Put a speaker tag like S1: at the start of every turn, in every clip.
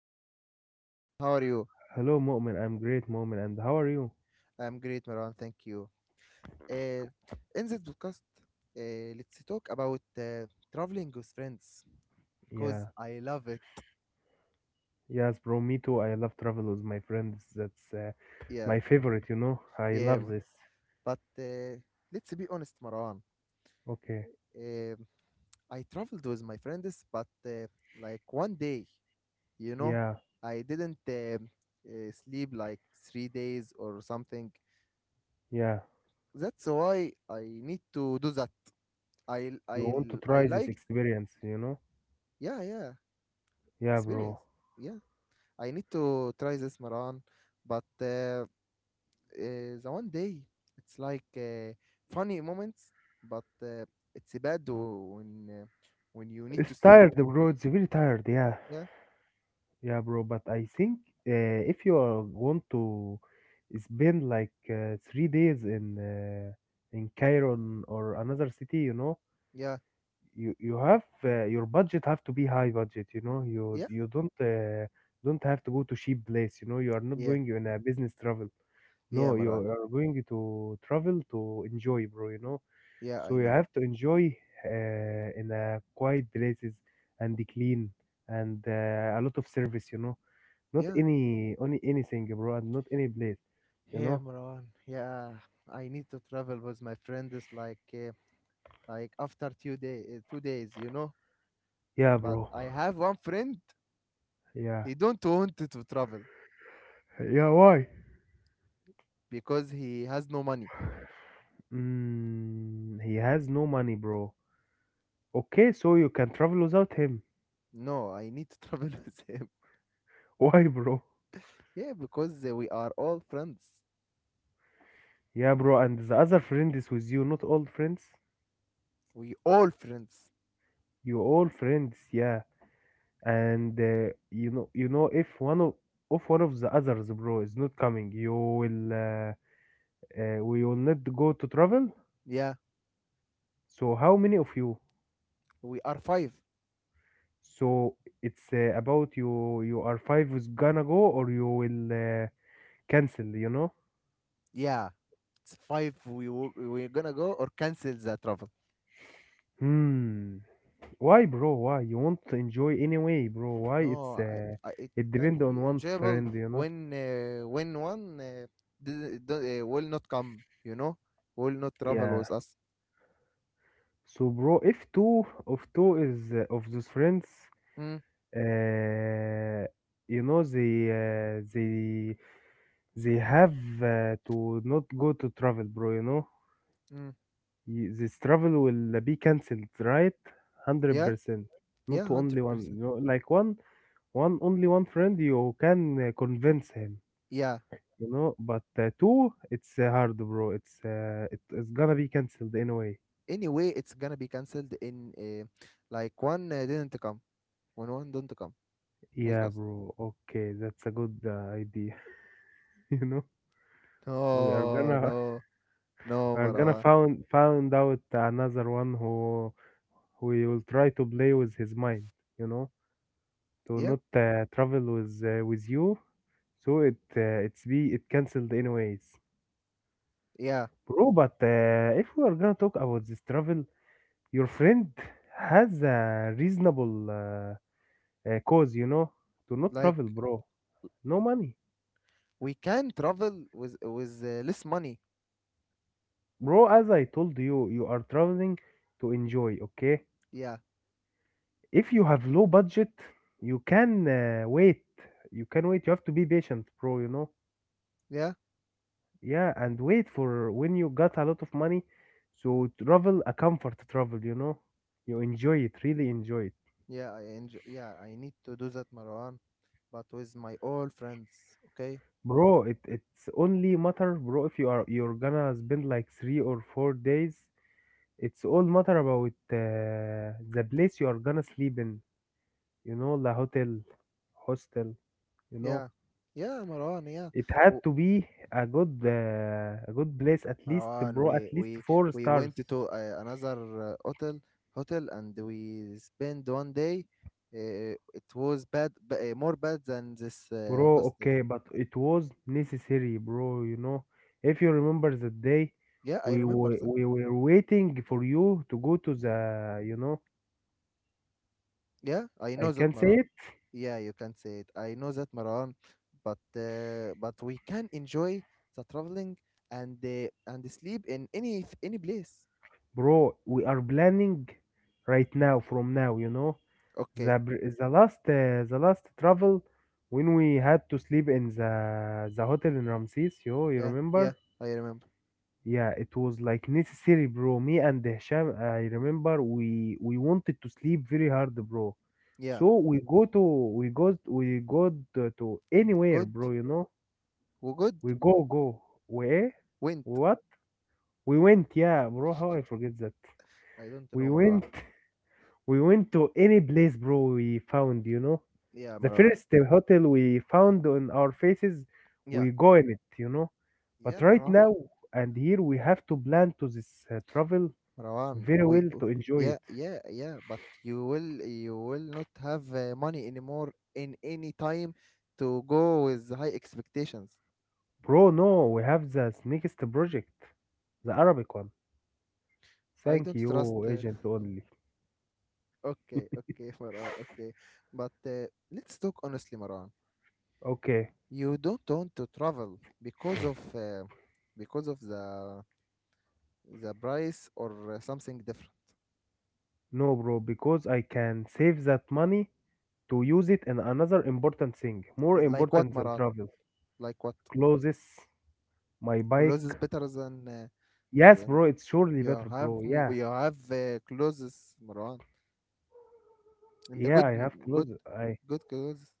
S1: is co host. Hello, Maran, how are you?
S2: Hello, Mu'min. I'm great, Mu'min. And how are you?
S1: I am great, Maran, thank you. In this podcast, let's talk about traveling with friends
S2: Yeah.
S1: because I love it.
S2: Yes, bro. Me too. I love travel with my friends. That's
S1: Yeah,
S2: my favorite, you know. I
S1: yeah,
S2: love this.
S1: but let's be honest, Maran.
S2: Okay.
S1: Um I traveled with my friends, but like one day, you know,
S2: Yeah.
S1: I didn't sleep like 3 days or something.
S2: Yeah.
S1: That's why I need to do that. I
S2: You
S1: I
S2: want to
S1: I
S2: try this
S1: like,
S2: experience, you know?
S1: yeah, yeah,
S2: Yeah,
S1: experience,
S2: bro.
S1: yeah. I need to try this, Maran, but the one day it's like funny moments, but it's bad, when you need
S2: It's
S1: to sleep.
S2: tired, bro. It's very tired. Yeah.
S1: Yeah,
S2: Yeah, bro. But I think if you want to spend like 3 days in Cairo or another city, you know,
S1: yeah,
S2: you have your budget have to be high budget, you know. you
S1: yeah,
S2: you don't have to go to cheap place, you know. You are not
S1: yeah,
S2: going in a business travel,
S1: yeah,
S2: no. You
S1: Maran.
S2: are going to travel to enjoy, bro, you know.
S1: Yeah,
S2: So
S1: I
S2: you
S1: know.
S2: have to enjoy in a quiet places and clean and a lot of service, you know, not
S1: Yeah,
S2: any only anything, bro, and not any place, you
S1: yeah,
S2: know.
S1: Maran. Yeah, I need to travel with my friends like, like after 2 days,
S2: Yeah,
S1: but
S2: bro.
S1: I have one friend,
S2: Yeah,
S1: he don't want to travel
S2: yeah. Why?
S1: because he has no money.
S2: He has no money, bro. Okay, so you can travel without him.
S1: No, I need to travel with him.
S2: Why, bro?
S1: Yeah, because we are all friends.
S2: Yeah, bro, and the other friend is with you, not all friends.
S1: We all friends.
S2: You all friends, yeah. And you know, if one of the others, bro, is not coming, you will we will not go to travel.
S1: Yeah,
S2: So how many of you?
S1: we are five.
S2: So it's about you. You are five is gonna go, or you will cancel. You know.
S1: Yeah, it's five. We're gonna go or cancel the travel.
S2: Hmm. Why, bro? Why? You want to enjoy anyway, bro. Why? It's
S1: No, it
S2: it
S1: can't
S2: depend on
S1: be
S2: one
S1: enjoyable
S2: friend, you know.
S1: when one, will not come. You know, will not travel
S2: Yeah.
S1: with us.
S2: So, bro, if two is of those friends,
S1: Mm,
S2: uh, you know, they have to not go to travel, bro. You know,
S1: mm.
S2: This travel will be cancelled, right? Hundred
S1: Yeah,
S2: percent. Not
S1: yeah,
S2: only
S1: hundred
S2: one, you
S1: percent.
S2: know, like one one only one friend you can convince him.
S1: Yeah,
S2: You know, but two, it's hard, bro. It's it's gonna be cancelled anyway.
S1: anyway it's gonna be cancelled, in like one didn't come when one didn't come was
S2: Yeah,
S1: us.
S2: bro. Okay, that's a good idea. You know, we are
S1: No,
S2: gonna
S1: no, no,
S2: we are gonna
S1: Marwa.
S2: found found out another one who will try to play with his mind. You know, to
S1: Yeah,
S2: not travel with you. So it it's be it cancelled anyways,
S1: yeah,
S2: bro. But if we are gonna talk about this travel, your friend has a reasonable. Cause you know to not
S1: like
S2: travel, bro, no money,
S1: we can travel with less money.
S2: bro. As I told you, you are traveling to enjoy, okay.
S1: Yeah
S2: If you have low budget, you can wait. You can wait, you have to be patient, bro, you know.
S1: yeah,
S2: Yeah, and wait for when you got a lot of money, so travel a comfort travel, you know. You enjoy it, really enjoy it,
S1: yeah, I enjoy. Yeah, I need to do that, Marwan, but with my old friends, okay.
S2: bro. It's only matter, bro, if you're gonna spend like 3 or 4 days. It's all matter about the place you are gonna sleep in. You know, the hotel, hostel. You know,
S1: Yeah, yeah, Marwan. Yeah.
S2: it had
S1: W-
S2: to be a good place at least,
S1: Marwan,
S2: bro. At
S1: we
S2: least
S1: we
S2: four
S1: we went
S2: stars,
S1: to another uh, hotel hotel and we spent one day. It was bad, more bad than this
S2: bro.
S1: hostel.
S2: Okay, but it was necessary, bro. You know, if you remember the day
S1: Yeah, I
S2: we
S1: remember
S2: were
S1: that.
S2: we were waiting for you to go to the, you know,
S1: Yeah, I
S2: I
S1: know
S2: can
S1: that,
S2: say
S1: Marwan.
S2: it.
S1: Yeah, you can say it. I know that, Marwan. But we can enjoy the traveling and sleep in any place.
S2: Bro, we are planning right now from now, you know.
S1: Okay.
S2: The the last travel, when we had to sleep in the hotel in Ramses, yo, you
S1: Yeah, yeah,
S2: remember?
S1: I remember.
S2: Yeah, it was like necessary, bro. Me and Hisham, I remember we wanted to sleep very hard, bro.
S1: Yeah,
S2: So we go to anywhere,
S1: good.
S2: bro. You know,
S1: We good.
S2: we go where
S1: Went.
S2: we what? We went, yeah, bro. How I forget that?
S1: I don't
S2: We
S1: know, Marwan.
S2: went. We went to any place, bro, we found, you know.
S1: Yeah,
S2: The
S1: Marwan.
S2: first hotel we found on our faces,
S1: Yeah.
S2: we go in it, you know. But
S1: Yeah,
S2: right
S1: Marwan,
S2: now and here, we have to plan to this travel
S1: Marwan,
S2: very well to enjoy
S1: yeah,
S2: it.
S1: yeah, yeah, but you will not have money anymore in any time to go with high expectations.
S2: Bro, no, we have the next project, the Arabic one.
S1: I
S2: Thank
S1: don't trust.
S2: you, agent only.
S1: Okay, okay, Marwan, okay, but let's talk honestly, Marwan.
S2: Okay,
S1: You don't want to travel because of the price or something different.
S2: no, bro, because I can save that money to use it in another important thing, more
S1: Like what,
S2: important than
S1: Marwan?
S2: travel.
S1: Like what?
S2: Clothes, my
S1: Clothes is
S2: bike.
S1: better than,
S2: Yes,
S1: then
S2: bro, it's surely better, bro. Yeah.
S1: you have clothes, Marwan, and the
S2: Yeah, I have clothes.
S1: good
S2: I
S1: good clothes.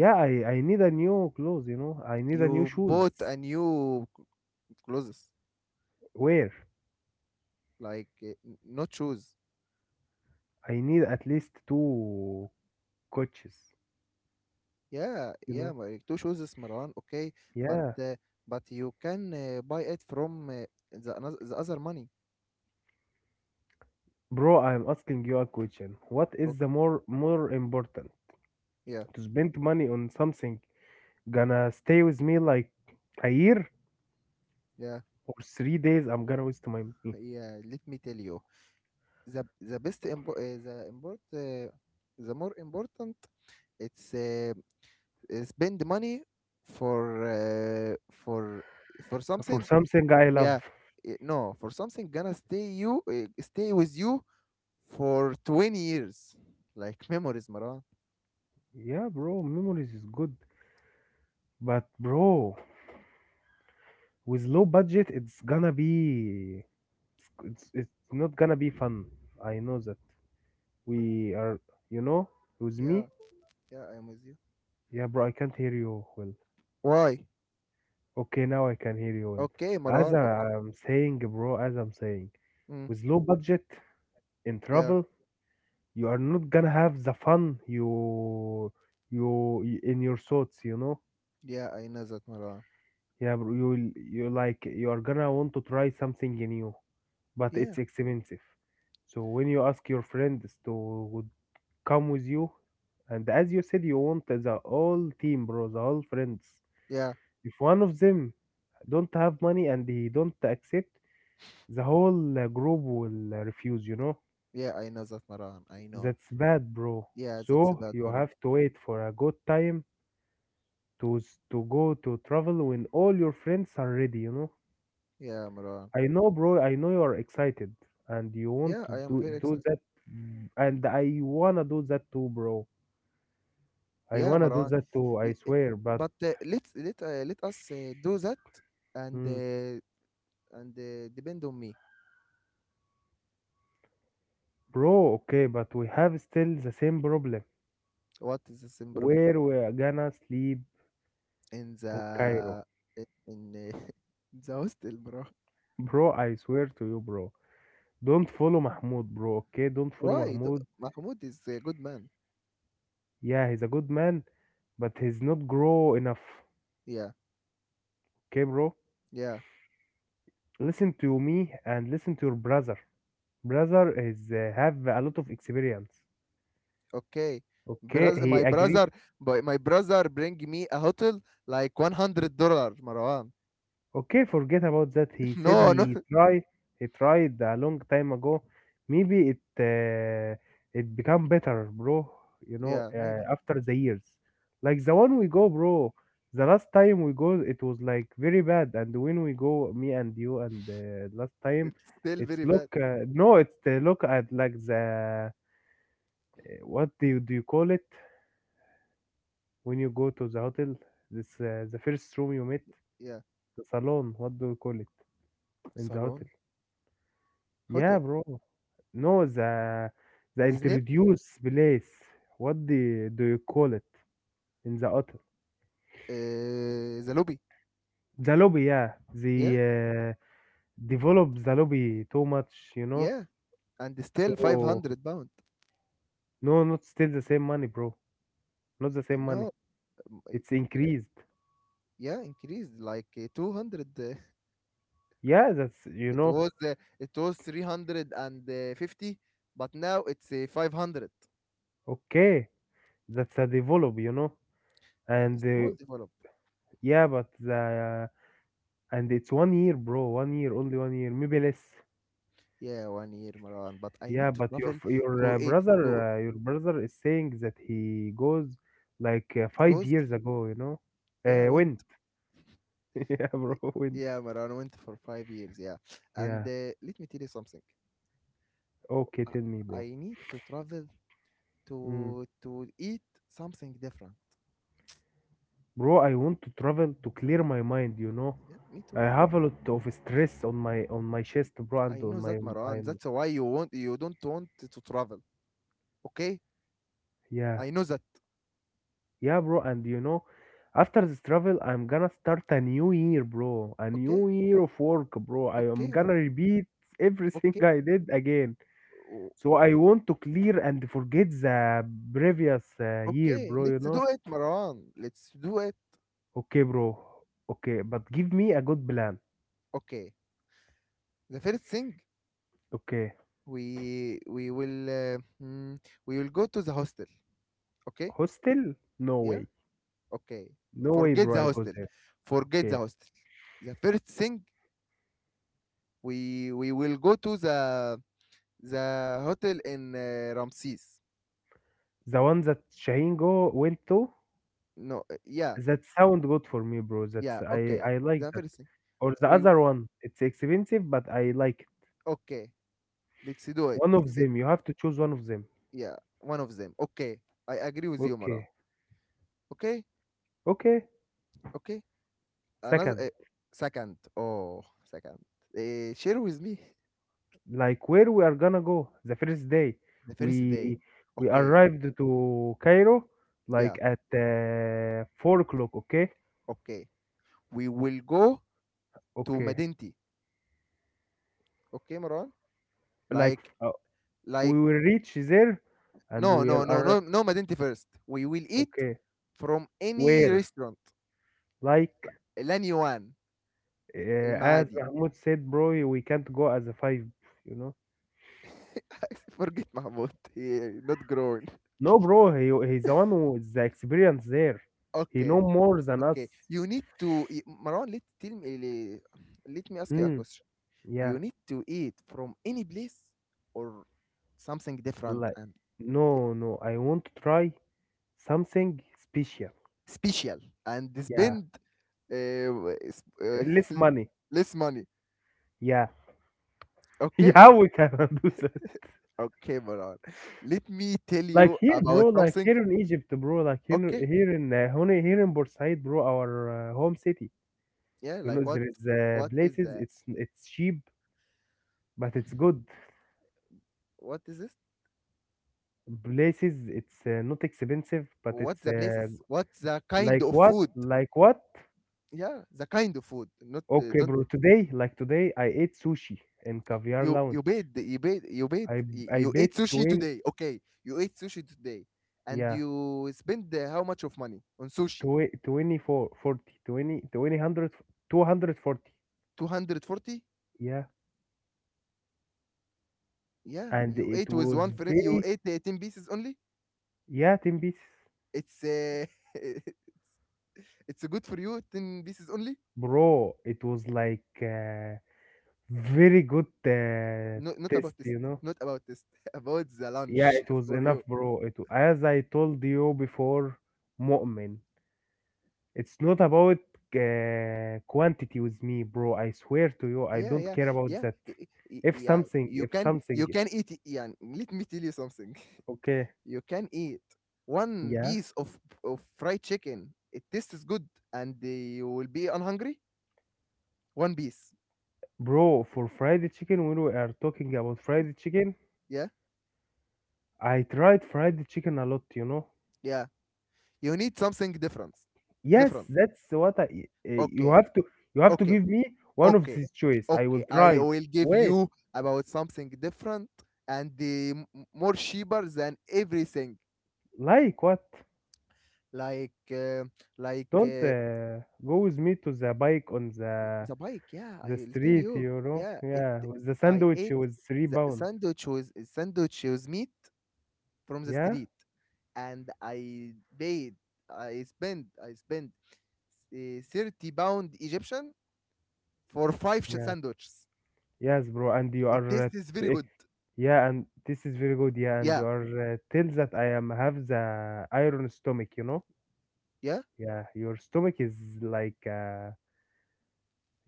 S2: yeah, I need a new clothes. You know, I need a new
S1: You
S2: shoes.
S1: bought a new, clothes,
S2: Where?
S1: like not shoes.
S2: I need at least two coaches.
S1: Yeah,
S2: You
S1: yeah,
S2: know?
S1: two shoes, Marwan. Okay, but
S2: Yeah,
S1: uh, but you can buy it from the other money.
S2: bro. I'm asking you a question. What is
S1: Okay,
S2: the more important,
S1: yeah,
S2: to spend money on something gonna stay with me like a year
S1: yeah,
S2: or 3 days? I'm gonna waste my money
S1: yeah. Let me tell you, the best impo- the import the more important, it's spend money for uh, for for
S2: for
S1: something.
S2: something I love.
S1: yeah no, for something gonna stay with you for 20 years, like memories, Maran.
S2: Yeah, bro. Memories is good, but, bro, with low budget it's gonna be, it's it's not gonna be fun. I know that. We are, you know, with me.
S1: Yeah, yeah, I'm with you.
S2: Yeah, bro, I can't hear you well.
S1: Why?
S2: Okay, now I can hear you well.
S1: Okay,
S2: As
S1: Maran, okay.
S2: I'm saying, bro, as I'm saying,
S1: Mm.
S2: with low budget in
S1: Yeah,
S2: travel, you are not gonna have the fun you, you in your thoughts, you know.
S1: yeah, I know that, Maran.
S2: Yeah, bro, you'll you like you're gonna want to try something new, but
S1: Yeah,
S2: it's expensive. So when you ask your friends to would come with you, and as you said, you want the whole team, bro, the whole friends.
S1: yeah,
S2: If one of them don't have money and he don't accept, the whole group will refuse. You know
S1: yeah, I know that, Maran. I know.
S2: that's bad, bro.
S1: Yeah, that's a
S2: So
S1: bad,
S2: you
S1: Maran.
S2: have to wait for a good time to go to travel when all your friends are ready. You know.
S1: Yeah, Maran.
S2: I know, bro. I know you're excited and you want
S1: Yeah,
S2: to
S1: I am
S2: do
S1: very
S2: do
S1: excited.
S2: that, mm, and I wanna do that too, bro. I
S1: Yeah,
S2: wanna do
S1: Maran.
S2: that too. I
S1: L- eh,
S2: swear. But
S1: But let us do that and
S2: mm,
S1: uh, and depend on me.
S2: bro, okay, but we have still the same problem.
S1: What is the same problem,
S2: Where we're gonna sleep
S1: in
S2: on Cairo,
S1: the in the hostel, bro?
S2: bro? I swear to you, bro. Don't follow Mahmoud, bro. Okay, don't follow
S1: Why?
S2: Mahmoud.
S1: Mahmoud is a good man.
S2: Yeah, he's a good man, but he's not grow enough.
S1: Yeah,
S2: Okay, bro.
S1: yeah.
S2: Listen to me and listen to your brother. Brother is have a lot of experience.
S1: Okay,
S2: Okay, he
S1: my
S2: agree.
S1: brother, but my brother bring me a hotel like $100, Marwan.
S2: Okay, forget about that. He said
S1: No, no.
S2: he tried. He tried a long time ago. Maybe it become better, bro. You know,
S1: Yeah, maybe
S2: after the years, like the one we go, bro. The last time we go, it was like very bad. And when we go, me and you, and last time,
S1: it's still
S2: it's
S1: very
S2: look.
S1: bad.
S2: No, it's the look at like the what do you call it when you go to the hotel? This the first room you met,
S1: Yeah,
S2: the salon. What do you call it? In the
S1: salon
S2: hotel.
S1: hotel.
S2: Yeah, bro. No, the
S1: His name?
S2: introduce place. What the do you call it in the hotel?
S1: The lobby.
S2: The lobby, yeah. The
S1: Yeah.
S2: develop the lobby too much, you know.
S1: Yeah, and still
S2: So
S1: 500 pound.
S2: no, not still the same money, bro. Not the same
S1: No,
S2: money.
S1: m- uh,
S2: It's
S1: yeah,
S2: increased.
S1: yeah, increased like, 200.
S2: Yeah, that's you
S1: It
S2: know.
S1: was uh, it was 350, but now it's 500.
S2: Okay, that's a develop, you know. And
S1: Small develop.
S2: yeah, but the and it's 1 year, bro. 1 year, only 1 year, maybe less.
S1: Yeah, one year, Marwan. But I
S2: Yeah,
S1: need to
S2: but your
S1: travel
S2: your
S1: to, a,
S2: brother,
S1: to,
S2: your brother is saying that he goes like five
S1: goes.
S2: years ago, you know.
S1: Yeah, went.
S2: Went. Yeah, bro,
S1: Y-
S2: went.
S1: Yeah, Marwan went for 5 years. Yeah, and
S2: Yeah.
S1: uh, let me tell you something.
S2: Okay,
S1: I,
S2: tell me, bro.
S1: I need to travel to
S2: Mm.
S1: to eat something different.
S2: Bro, I want to travel to clear my mind, you know.
S1: Yeah, me
S2: I
S1: too.
S2: have a lot of stress on my chest, bro,
S1: I
S2: and on
S1: know
S2: my
S1: that, Maran.
S2: I'm
S1: That's why you don't want to travel. Okay,
S2: yeah.
S1: I know that.
S2: Yeah, bro, and you know, after this travel, I'm gonna start a new year, bro. A
S1: Okay,
S2: new year of work, bro. I am
S1: okay,
S2: gonna
S1: Maran.
S2: repeat everything
S1: Okay,
S2: I did again.
S1: O-
S2: So I want to clear and forget the previous year,
S1: okay.
S2: bro, you
S1: Let's
S2: know?
S1: do it, Maran. Let's do it.
S2: Okay, bro. Okay, but give me a good plan.
S1: Okay. The first thing,
S2: Okay.
S1: we we will uh, mm, we will go to the hostel. Okay.
S2: Hostel? No
S1: Yeah.
S2: way.
S1: Okay.
S2: No way,
S1: Forget the
S2: bro, I go
S1: hostel.
S2: there.
S1: Forget the
S2: Okay.
S1: hostel. The first thing, we will go to the hotel in Ramses.
S2: The one that Shaheen go went to?
S1: No. Yeah.
S2: That sound good for me, bro. That's
S1: Yeah.
S2: I
S1: Okay.
S2: I like
S1: The
S2: that.
S1: first thing,
S2: Or the
S1: we.
S2: other one. It's expensive, but I like it.
S1: Okay, let's do it.
S2: One of
S1: It
S2: them. You have to choose one of them.
S1: yeah, one of them. Okay, I agree with you, Mara.
S2: Okay.
S1: Okay,
S2: Okay.
S1: okay. Another,
S2: Second.
S1: second. Oh, second. Share with me
S2: Like where we are gonna go the first day
S1: the first day.
S2: we we
S1: Okay,
S2: arrived to Cairo, like
S1: yeah.
S2: at 4 o'clock, okay.
S1: Okay, we will go to
S2: Okay,
S1: Madinti. Okay, Maran.
S2: like
S1: Like,
S2: uh, we
S1: like
S2: will reach there and
S1: no,
S2: we will
S1: no, no,
S2: arrive.
S1: no, no, Madinti first. We will eat
S2: Okay,
S1: from any
S2: where,
S1: restaurant.
S2: like
S1: Lanyuan,
S2: as
S1: المعادي.
S2: Mahmoud said, bro, we can't go as a five, you know.
S1: I forget Mahmoud. He not grown.
S2: No, bro, he's the one who is the experience there. He know
S1: Okay.
S2: more than us.
S1: Okay, you need to, Marwan. Let me ask you a
S2: Hmm.
S1: question.
S2: Yeah,
S1: You need to eat from any place, or something different
S2: like,
S1: and
S2: no no, I won't try. Something special.
S1: special, and
S2: Yeah.
S1: spend, uh, w- s- uh,
S2: Less
S1: l-
S2: money.
S1: less money.
S2: Yeah.
S1: Okay,
S2: Yeah, we cannot do that.
S1: okay, Marwan. Let me tell
S2: Like
S1: you
S2: here,
S1: about
S2: bro, like
S1: something.
S2: here in Egypt, bro, like here,
S1: Okay,
S2: here in here in Bursaid, bro, our home city.
S1: yeah,
S2: You know,
S1: like what?
S2: there is
S1: What is
S2: places
S1: the?
S2: it's cheap, but it's good.
S1: What is this?
S2: Places it's not expensive, but
S1: What
S2: it's
S1: the places? What the kind
S2: like
S1: of
S2: what?
S1: food?
S2: Like what?
S1: Yeah, the kind of food. Not,
S2: Okay,
S1: don't.
S2: bro. Today, like today, I ate sushi in Caviar Lounge. I
S1: You
S2: I
S1: you ate
S2: paid
S1: sushi
S2: 20.
S1: today. Okay, you ate sushi today. And
S2: Yeah,
S1: you spend, how much of money on sushi?
S2: 24 40, 20, 20, 100, 240.
S1: 240.
S2: Yeah,
S1: Yeah,
S2: and
S1: you
S2: it
S1: ate with
S2: was
S1: one friend. You
S2: very,
S1: ate 18 pieces only.
S2: yeah, 10 pieces.
S1: It's It's good for you, 10 pieces only.
S2: Bro, it was like, very good,
S1: No,
S2: test you know
S1: not about this, about the
S2: Yeah,
S1: lunch,
S2: it was
S1: for
S2: enough,
S1: you.
S2: bro. It as I told you before, Mu'min, it's not about, quantity with me, bro. I swear to you, I
S1: Yeah,
S2: don't
S1: yeah,
S2: care about
S1: yeah,
S2: that. if
S1: yeah,
S2: something if something
S1: you can eat. Yeah, let me tell you something,
S2: okay.
S1: you can eat one
S2: Yeah.
S1: piece of fried chicken. It tastes good, and you will be unhungry. One piece.
S2: Bro, for fried chicken, when we are talking about fried chicken,
S1: Yeah,
S2: I tried fried chicken a lot.
S1: yeah. You need something different.
S2: Yes,
S1: Different.
S2: that's what I. eh, you
S1: Okay,
S2: have to, you have to
S1: okay,
S2: give me one of
S1: okay,
S2: these choice. I will
S1: okay. I
S2: try.
S1: will give
S2: Wait,
S1: you about something different, and more cheaper than everything.
S2: like what?
S1: Like, like,
S2: Don't, go with me to the bike on the
S1: the bike. Yeah,
S2: the
S1: I'll tell
S2: street,
S1: you.
S2: you know.
S1: Yeah, it.
S2: Yeah, with the
S1: I
S2: sandwich
S1: ate
S2: with three
S1: the
S2: pound.
S1: sandwich, was meat from the
S2: Yeah,
S1: street, and I spent 30 pound Egyptian for five,
S2: yeah,
S1: sandwiches.
S2: yes, bro. And you
S1: It
S2: are,
S1: tastes very
S2: t- eh,
S1: good.
S2: yeah, and this is very good. Yeah, and
S1: Yeah,
S2: you are tell that I am have the iron stomach.
S1: yeah.
S2: Yeah, your stomach is like,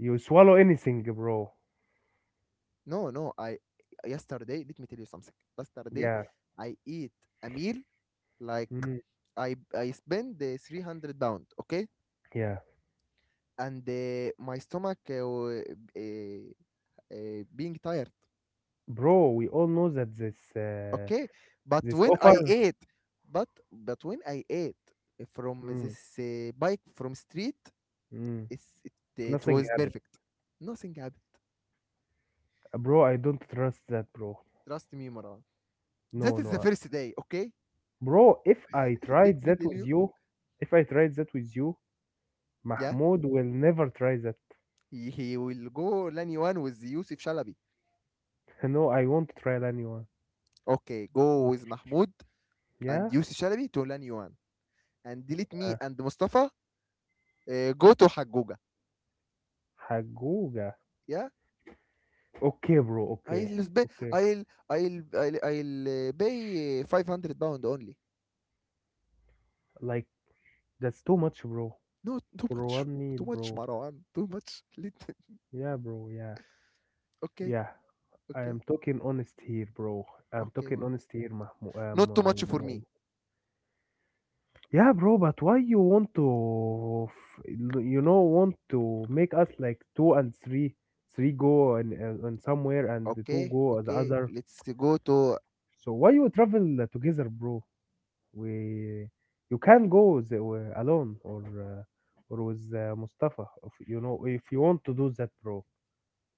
S2: you swallow anything, bro.
S1: No, no. I Yesterday, let me tell you something. Yesterday,
S2: Yeah,
S1: I eat a meal, like
S2: mhm,
S1: I spend the 300 pound. Okay,
S2: yeah,
S1: and my stomach, being tired.
S2: bro. We all know that this uh,
S1: Okay, but
S2: this offer.
S1: when I ate from
S2: Mm,
S1: this bike from street,
S2: mm,
S1: it's, it
S2: nothing
S1: was
S2: happened.
S1: perfect. Nothing happened.
S2: Bro, I don't trust that, bro.
S1: Trust me, Maran. That
S2: No,
S1: is the
S2: no,
S1: first day. Okay,
S2: bro. If I
S1: let
S2: tried
S1: me
S2: that
S1: tell
S2: with
S1: you.
S2: you, If I tried that with you,
S1: Yeah,
S2: Mahmoud will never try that.
S1: he will go Lanyuan with Yusuf Shalabi.
S2: No, I won't try anyone.
S1: Okay, go with Mahmoud and
S2: Yeah,
S1: Yusuf Shalabi to Lanyuan, and delete
S2: uh,
S1: me and Mustafa. Go to Haguga.
S2: Haguga.
S1: Yeah,
S2: Okay, bro. Okay,
S1: I'll sp-
S2: okay.
S1: I'll pay 500 pound only.
S2: Like, that's too much, bro.
S1: No, too
S2: For
S1: much.
S2: one meal,
S1: Too much,
S2: bro.
S1: Marwan. Too much. Little.
S2: Yeah, bro. Yeah,
S1: Okay,
S2: yeah. I
S1: okay,
S2: am talking honest here, bro. I'm
S1: okay,
S2: talking
S1: Marwan.
S2: honest here, Mahmoud.
S1: Not too much for me.
S2: Yeah, bro. But why you want to, f- you know, want to make us like two and three, three go and somewhere, and the two
S1: Okay,
S2: go the
S1: okay.
S2: other.
S1: Let's go to.
S2: So why you travel, together, bro? We, you can go the, alone, or with, Mustafa. If you want to do that, bro.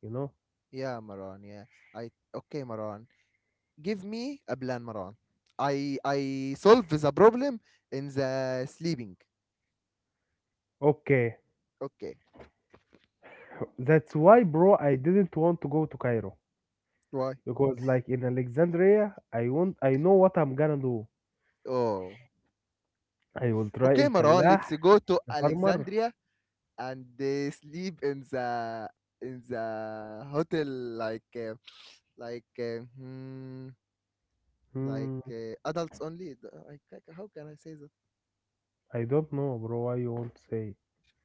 S2: You know.
S1: Yeah, Marwan. Yeah. I. Okay, Marwan. Give me a plan, Marwan. I solve the problem in the sleeping.
S2: Okay.
S1: Okay.
S2: That's why, bro, I didn't want to go to Cairo
S1: Why?
S2: because, like in Alexandria, I know what I'm gonna do.
S1: Oh.
S2: I will try El
S1: Okay, Marwan.
S2: Fallah,
S1: Let's go to
S2: the farmer.
S1: Alexandria and sleep in the hotel, like uh, like uh, hmm, Like
S2: Hmm,
S1: uh, adults only. How can I say that?
S2: I don't know, bro. Why you won't say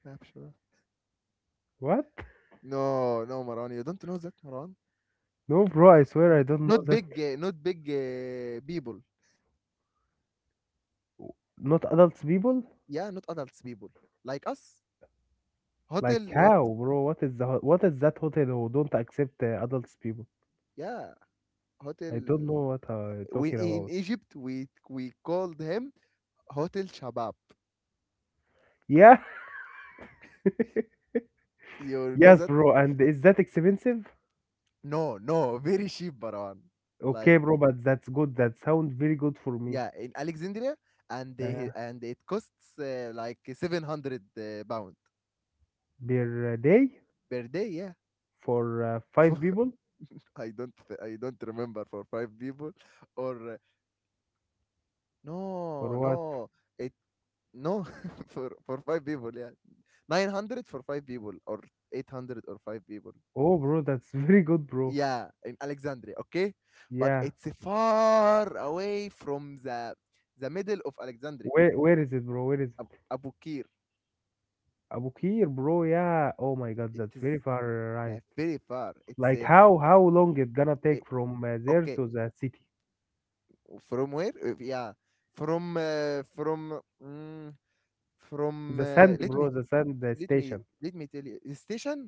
S1: Nah, I'm sure.
S2: what?
S1: No, no, Maran, you don't know that, Maran.
S2: No, bro. I swear I don't know
S1: Not
S2: that.
S1: big, people.
S2: Not adults people.
S1: Yeah, not adults people like us. Hotel
S2: Like
S1: what?
S2: how, bro? What is what is that hotel who don't accept, adults people?
S1: Yeah,
S2: I don't
S1: hotel.
S2: know what I'm
S1: We
S2: talking
S1: in
S2: about.
S1: Egypt, we called him Hotel Shabab.
S2: Yeah,
S1: You know
S2: yes,
S1: that?
S2: bro. And is that expensive?
S1: No, no, very cheap, Maran.
S2: Okay,
S1: Like,
S2: bro, but that's good. That sounds very good for me.
S1: yeah, in Alexandria,
S2: Uh,
S1: and it costs, like 700, pound
S2: Per day
S1: per day. Yeah.
S2: for,
S1: For,
S2: five people
S1: I don't I don't remember, for five people or,
S2: or
S1: no,
S2: what?
S1: no it no for five people. Yeah, 900 for five people, or 800 or five people.
S2: Oh, bro, that's very good, bro.
S1: Yeah, in Alexandria, okay, but
S2: Yeah.
S1: it's far away from the middle of Alexandria.
S2: Where is it, bro? Where is it?
S1: Abukir.
S2: Abu Qir, bro. Yeah. Oh my God,
S1: It
S2: that's
S1: is
S2: very far, right.
S1: like very far. It's,
S2: Like how long it gonna
S1: eh,
S2: take from, there
S1: okay,
S2: to the city?
S1: from where? Yeah, from, mm, from,
S2: The sand,
S1: let me,
S2: bro. The sand, station.
S1: tell you, station.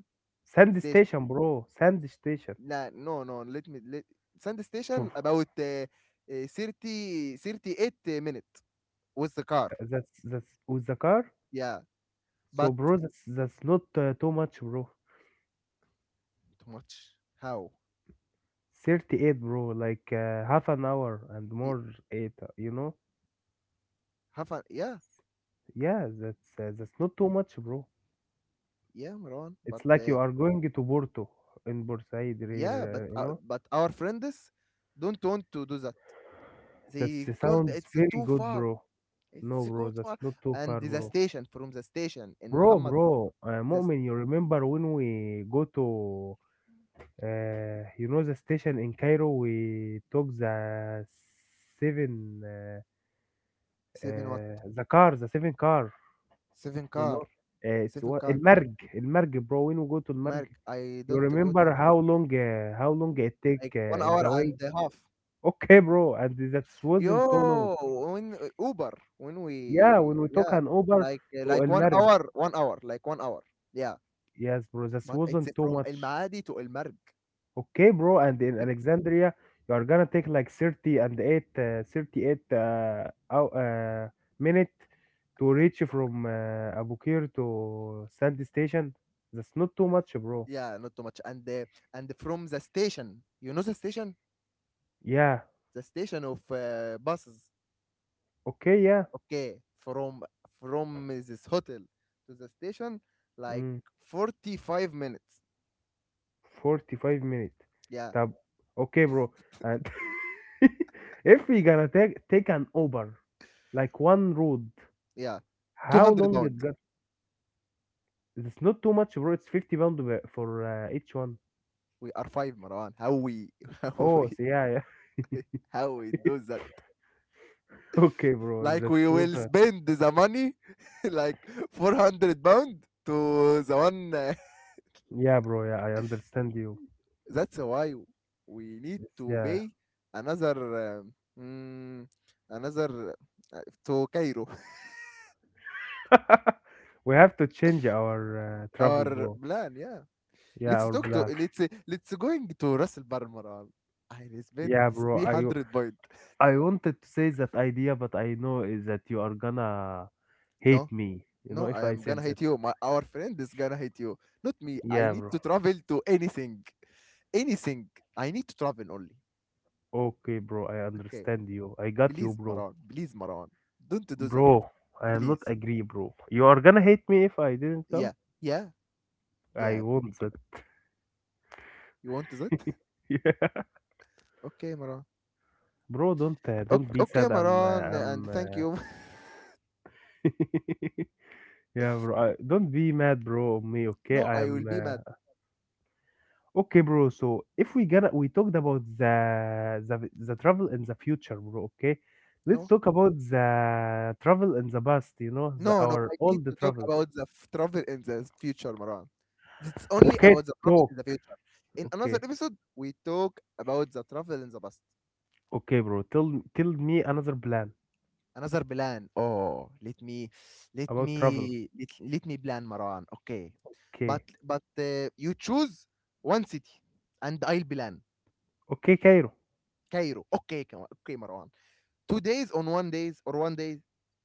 S2: Sand
S1: station
S2: station, bro. Sand station.
S1: nah, no, no, let me let sand
S2: Phew.
S1: station about, 30 38 minutes with the car.
S2: That's with the car.
S1: Yeah,
S2: So,
S1: but
S2: bro, that's not, too much, bro.
S1: too much. How?
S2: 38, bro. Like, half an hour and
S1: Y-
S2: more. Eight.
S1: have fun. Yeah,
S2: Yeah, that's not too much, bro.
S1: yeah, Marwan, but
S2: It's like you are going to Porto in Bursaid,
S1: yeah
S2: uh, you know.
S1: but our friends don't want to do that.
S2: That
S1: They called
S2: sounds
S1: it's
S2: very
S1: too
S2: good,
S1: far.
S2: bro. No,
S1: it's
S2: bro,
S1: too
S2: that's
S1: far
S2: not too far,
S1: and the
S2: bro.
S1: station, from the station in Muhammad, the
S2: Mu'min, you remember when we go to, the station in Cairo, we took the seven,
S1: 7
S2: the car, the seven car,
S1: 7
S2: you
S1: car,
S2: know, it's
S1: 7
S2: what, El
S1: car.
S2: Marg, El Marg, bro. When we go to El Marg,
S1: Mark, I
S2: you
S1: don't go to
S2: remember how long it take,
S1: like 1
S2: on
S1: hour
S2: the way?
S1: and a half.
S2: Okay, bro, and that wasn't too long.
S1: Yo, when Uber, when
S2: Yeah, when
S1: we
S2: we took
S1: yeah,
S2: an Uber
S1: like uh,
S2: to El
S1: like 1
S2: Merg.
S1: hour, 1 hour. Yeah,
S2: Yes, bro, that
S1: but it's
S2: wasn't too
S1: from El
S2: much.
S1: Maadi to El Marg.
S2: Okay, bro, and
S1: The
S2: in
S1: big
S2: Alexandria, you are gonna take like 30 and 8, 38, hour, minute to reach from, Abukir to Sandy Station. That's not too much, bro.
S1: Yeah, not too much. And from the station, you know
S2: Yeah,
S1: the station of buses.
S2: okay, yeah.
S1: Okay, from this hotel to the station, like
S2: Mm.
S1: 45 minutes.
S2: 45 minutes.
S1: Yeah,
S2: طب okay, bro. And if we gonna take an Uber like one road,
S1: Yeah,
S2: how
S1: 200
S2: long
S1: don't.
S2: it got? It's not too much, bro. It's 50 pound for, each one.
S1: We are five, Marwan. How we, how
S2: Oh,
S1: we,
S2: so, yeah, yeah.
S1: How we do that?
S2: Okay, bro,
S1: Like
S2: that's
S1: we
S2: not
S1: will
S2: a...
S1: spend the money, like 400 pound to the one.
S2: Yeah, bro. Yeah, I understand you.
S1: That's why we need
S2: It's,
S1: to
S2: yeah.
S1: pay another, um, mm, another to Cairo.
S2: We have to change our, travel,
S1: Our
S2: bro.
S1: plan, yeah.
S2: Yeah,
S1: Let's
S2: our
S1: talk to
S2: plan.
S1: let's let's going to Russell Bar, Marwan. I will spend
S2: Yeah, bro. I
S1: 300 pound.
S2: I wanted to say that idea, but I know is that you are gonna
S1: No,
S2: hate me, you
S1: No,
S2: know, if
S1: I
S2: I
S1: am
S2: said
S1: gonna
S2: that.
S1: hate you. My our friend is gonna hate you. Not me. I
S2: Yeah,
S1: need
S2: bro.
S1: to travel to anything. Anything. I need to travel only.
S2: Okay, bro, I
S1: Okay.
S2: understand you. I got you,
S1: Please,
S2: bro.
S1: Maran. Please, Maran. Don't do that.
S2: Bro, I am not
S1: Please.
S2: agree, bro. You are gonna hate me if I didn't come?
S1: Yeah. Yeah.
S2: I
S1: Yeah.
S2: won't that.
S1: You want that?
S2: Yeah.
S1: Okay, Maran.
S2: Bro, don't
S1: Okay,
S2: be
S1: okay,
S2: sad.
S1: Maran, and
S2: I'm
S1: thank you.
S2: yeah, bro. I, don't be mad, bro, on me, okay?
S1: No,
S2: I
S1: I will
S2: am,
S1: be mad.
S2: Okay, bro. So if we gonna, we talked about the travel in the future, bro. Okay, let's
S1: No.
S2: talk about the travel in the past. You know, the
S1: No, no.
S2: our
S1: I
S2: all
S1: need
S2: the
S1: to talk
S2: travels.
S1: about the travel in the future, Maran. It's only
S2: Okay,
S1: about the travel
S2: talk.
S1: in the future. In another
S2: Okay,
S1: episode, we talk about the travel in the past.
S2: okay, bro. Tell me another plan
S1: Another plan. Oh,
S2: about travel.
S1: let me plan, Marwan. Okay, but
S2: Okay,
S1: but uh, you choose one city, and I'll plan
S2: okay, Cairo.
S1: Cairo. Okay, Marwan. 2 days on one days or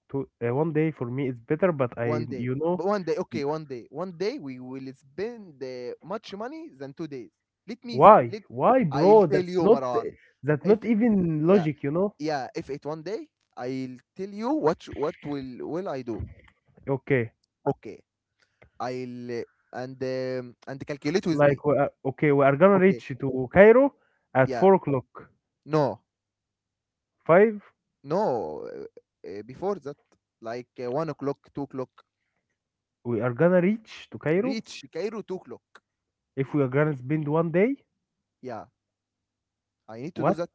S2: To One day for me is better, but I,
S1: one day,
S2: you know,
S1: but one day.
S2: y-
S1: Okay, one day, one day. We will spend much money than 2 days. Let me, s-
S2: why
S1: let
S2: why,
S1: I'll
S2: bro?
S1: tell
S2: That's
S1: you,
S2: not
S1: Marwan.
S2: that's
S1: If
S2: not even
S1: yeah,
S2: logic. You know.
S1: yeah If it one day, I'll tell you what will I do.
S2: Okay.
S1: Okay, I'll and calculate with
S2: Like
S1: me.
S2: we are, okay, we are gonna
S1: Okay,
S2: reach to Cairo at
S1: yeah,
S2: 4 o'clock.
S1: no,
S2: 5,
S1: no. Before that, like 1 o'clock, 2 o'clock.
S2: we are gonna reach to Cairo
S1: Reach Cairo 2 o'clock.
S2: if we are gonna spend one day.
S1: Yeah, I need to do
S2: What?
S1: that.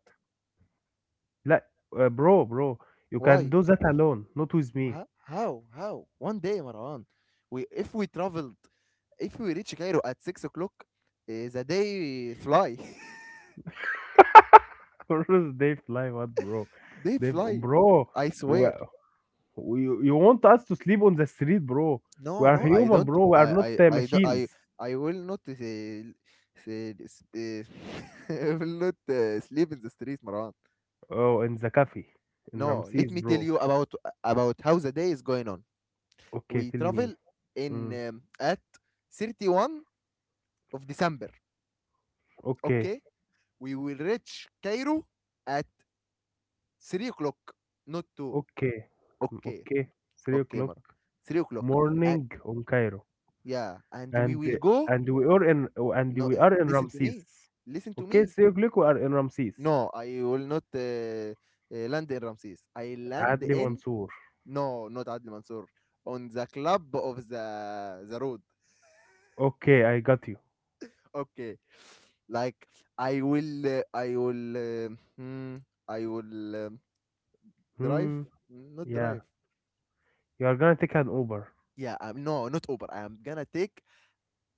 S2: Like, uh, bro, bro, you can
S1: Why?
S2: do that alone, not with me.
S1: How? How? One day, Marwan. We if we traveled, If we reach Cairo at 6 o'clock, the day fly.
S2: Or they fly what, bro?
S1: They
S2: They,
S1: fly.
S2: bro,
S1: I
S2: we,
S1: swear.
S2: you want us to sleep on the street, bro? We
S1: No,
S2: are
S1: no, I
S2: human,
S1: don't.
S2: bro. We are not, machines.
S1: I will not say, s- I will not sleep in the streets, Maran.
S2: Oh, in the cafe, in
S1: No, let
S2: Ramses,
S1: me tell
S2: bro.
S1: you about how the day is going on.
S2: Okay,
S1: We
S2: tell me.
S1: travel in
S2: Mm,
S1: at 31st of December.
S2: okay,
S1: Okay, we will reach Cairo at 3 o'clock, not 2.
S2: okay,
S1: Okay,
S2: okay. Three
S1: okay,
S2: o'clock.
S1: Maran. 3 o'clock. Uh,
S2: morning on Cairo,
S1: yeah, and we
S2: and
S1: will go.
S2: and we are in and
S1: No,
S2: we are in
S1: listen to
S2: Ramses.
S1: me. Listen to
S2: Okay,
S1: me.
S2: 3 o'clock we are in Ramses.
S1: No, I will not land in Ramses. I land
S2: Adli
S1: in
S2: Mansour.
S1: no, not Adil Mansour on the club of the road.
S2: Okay, I got you.
S1: Okay, like I will, uh, I will, uh, hmm, I will drive,
S2: Hmm.
S1: not drive.
S2: Yeah, you are gonna take an Uber.
S1: Yeah, no, not Uber. I am gonna take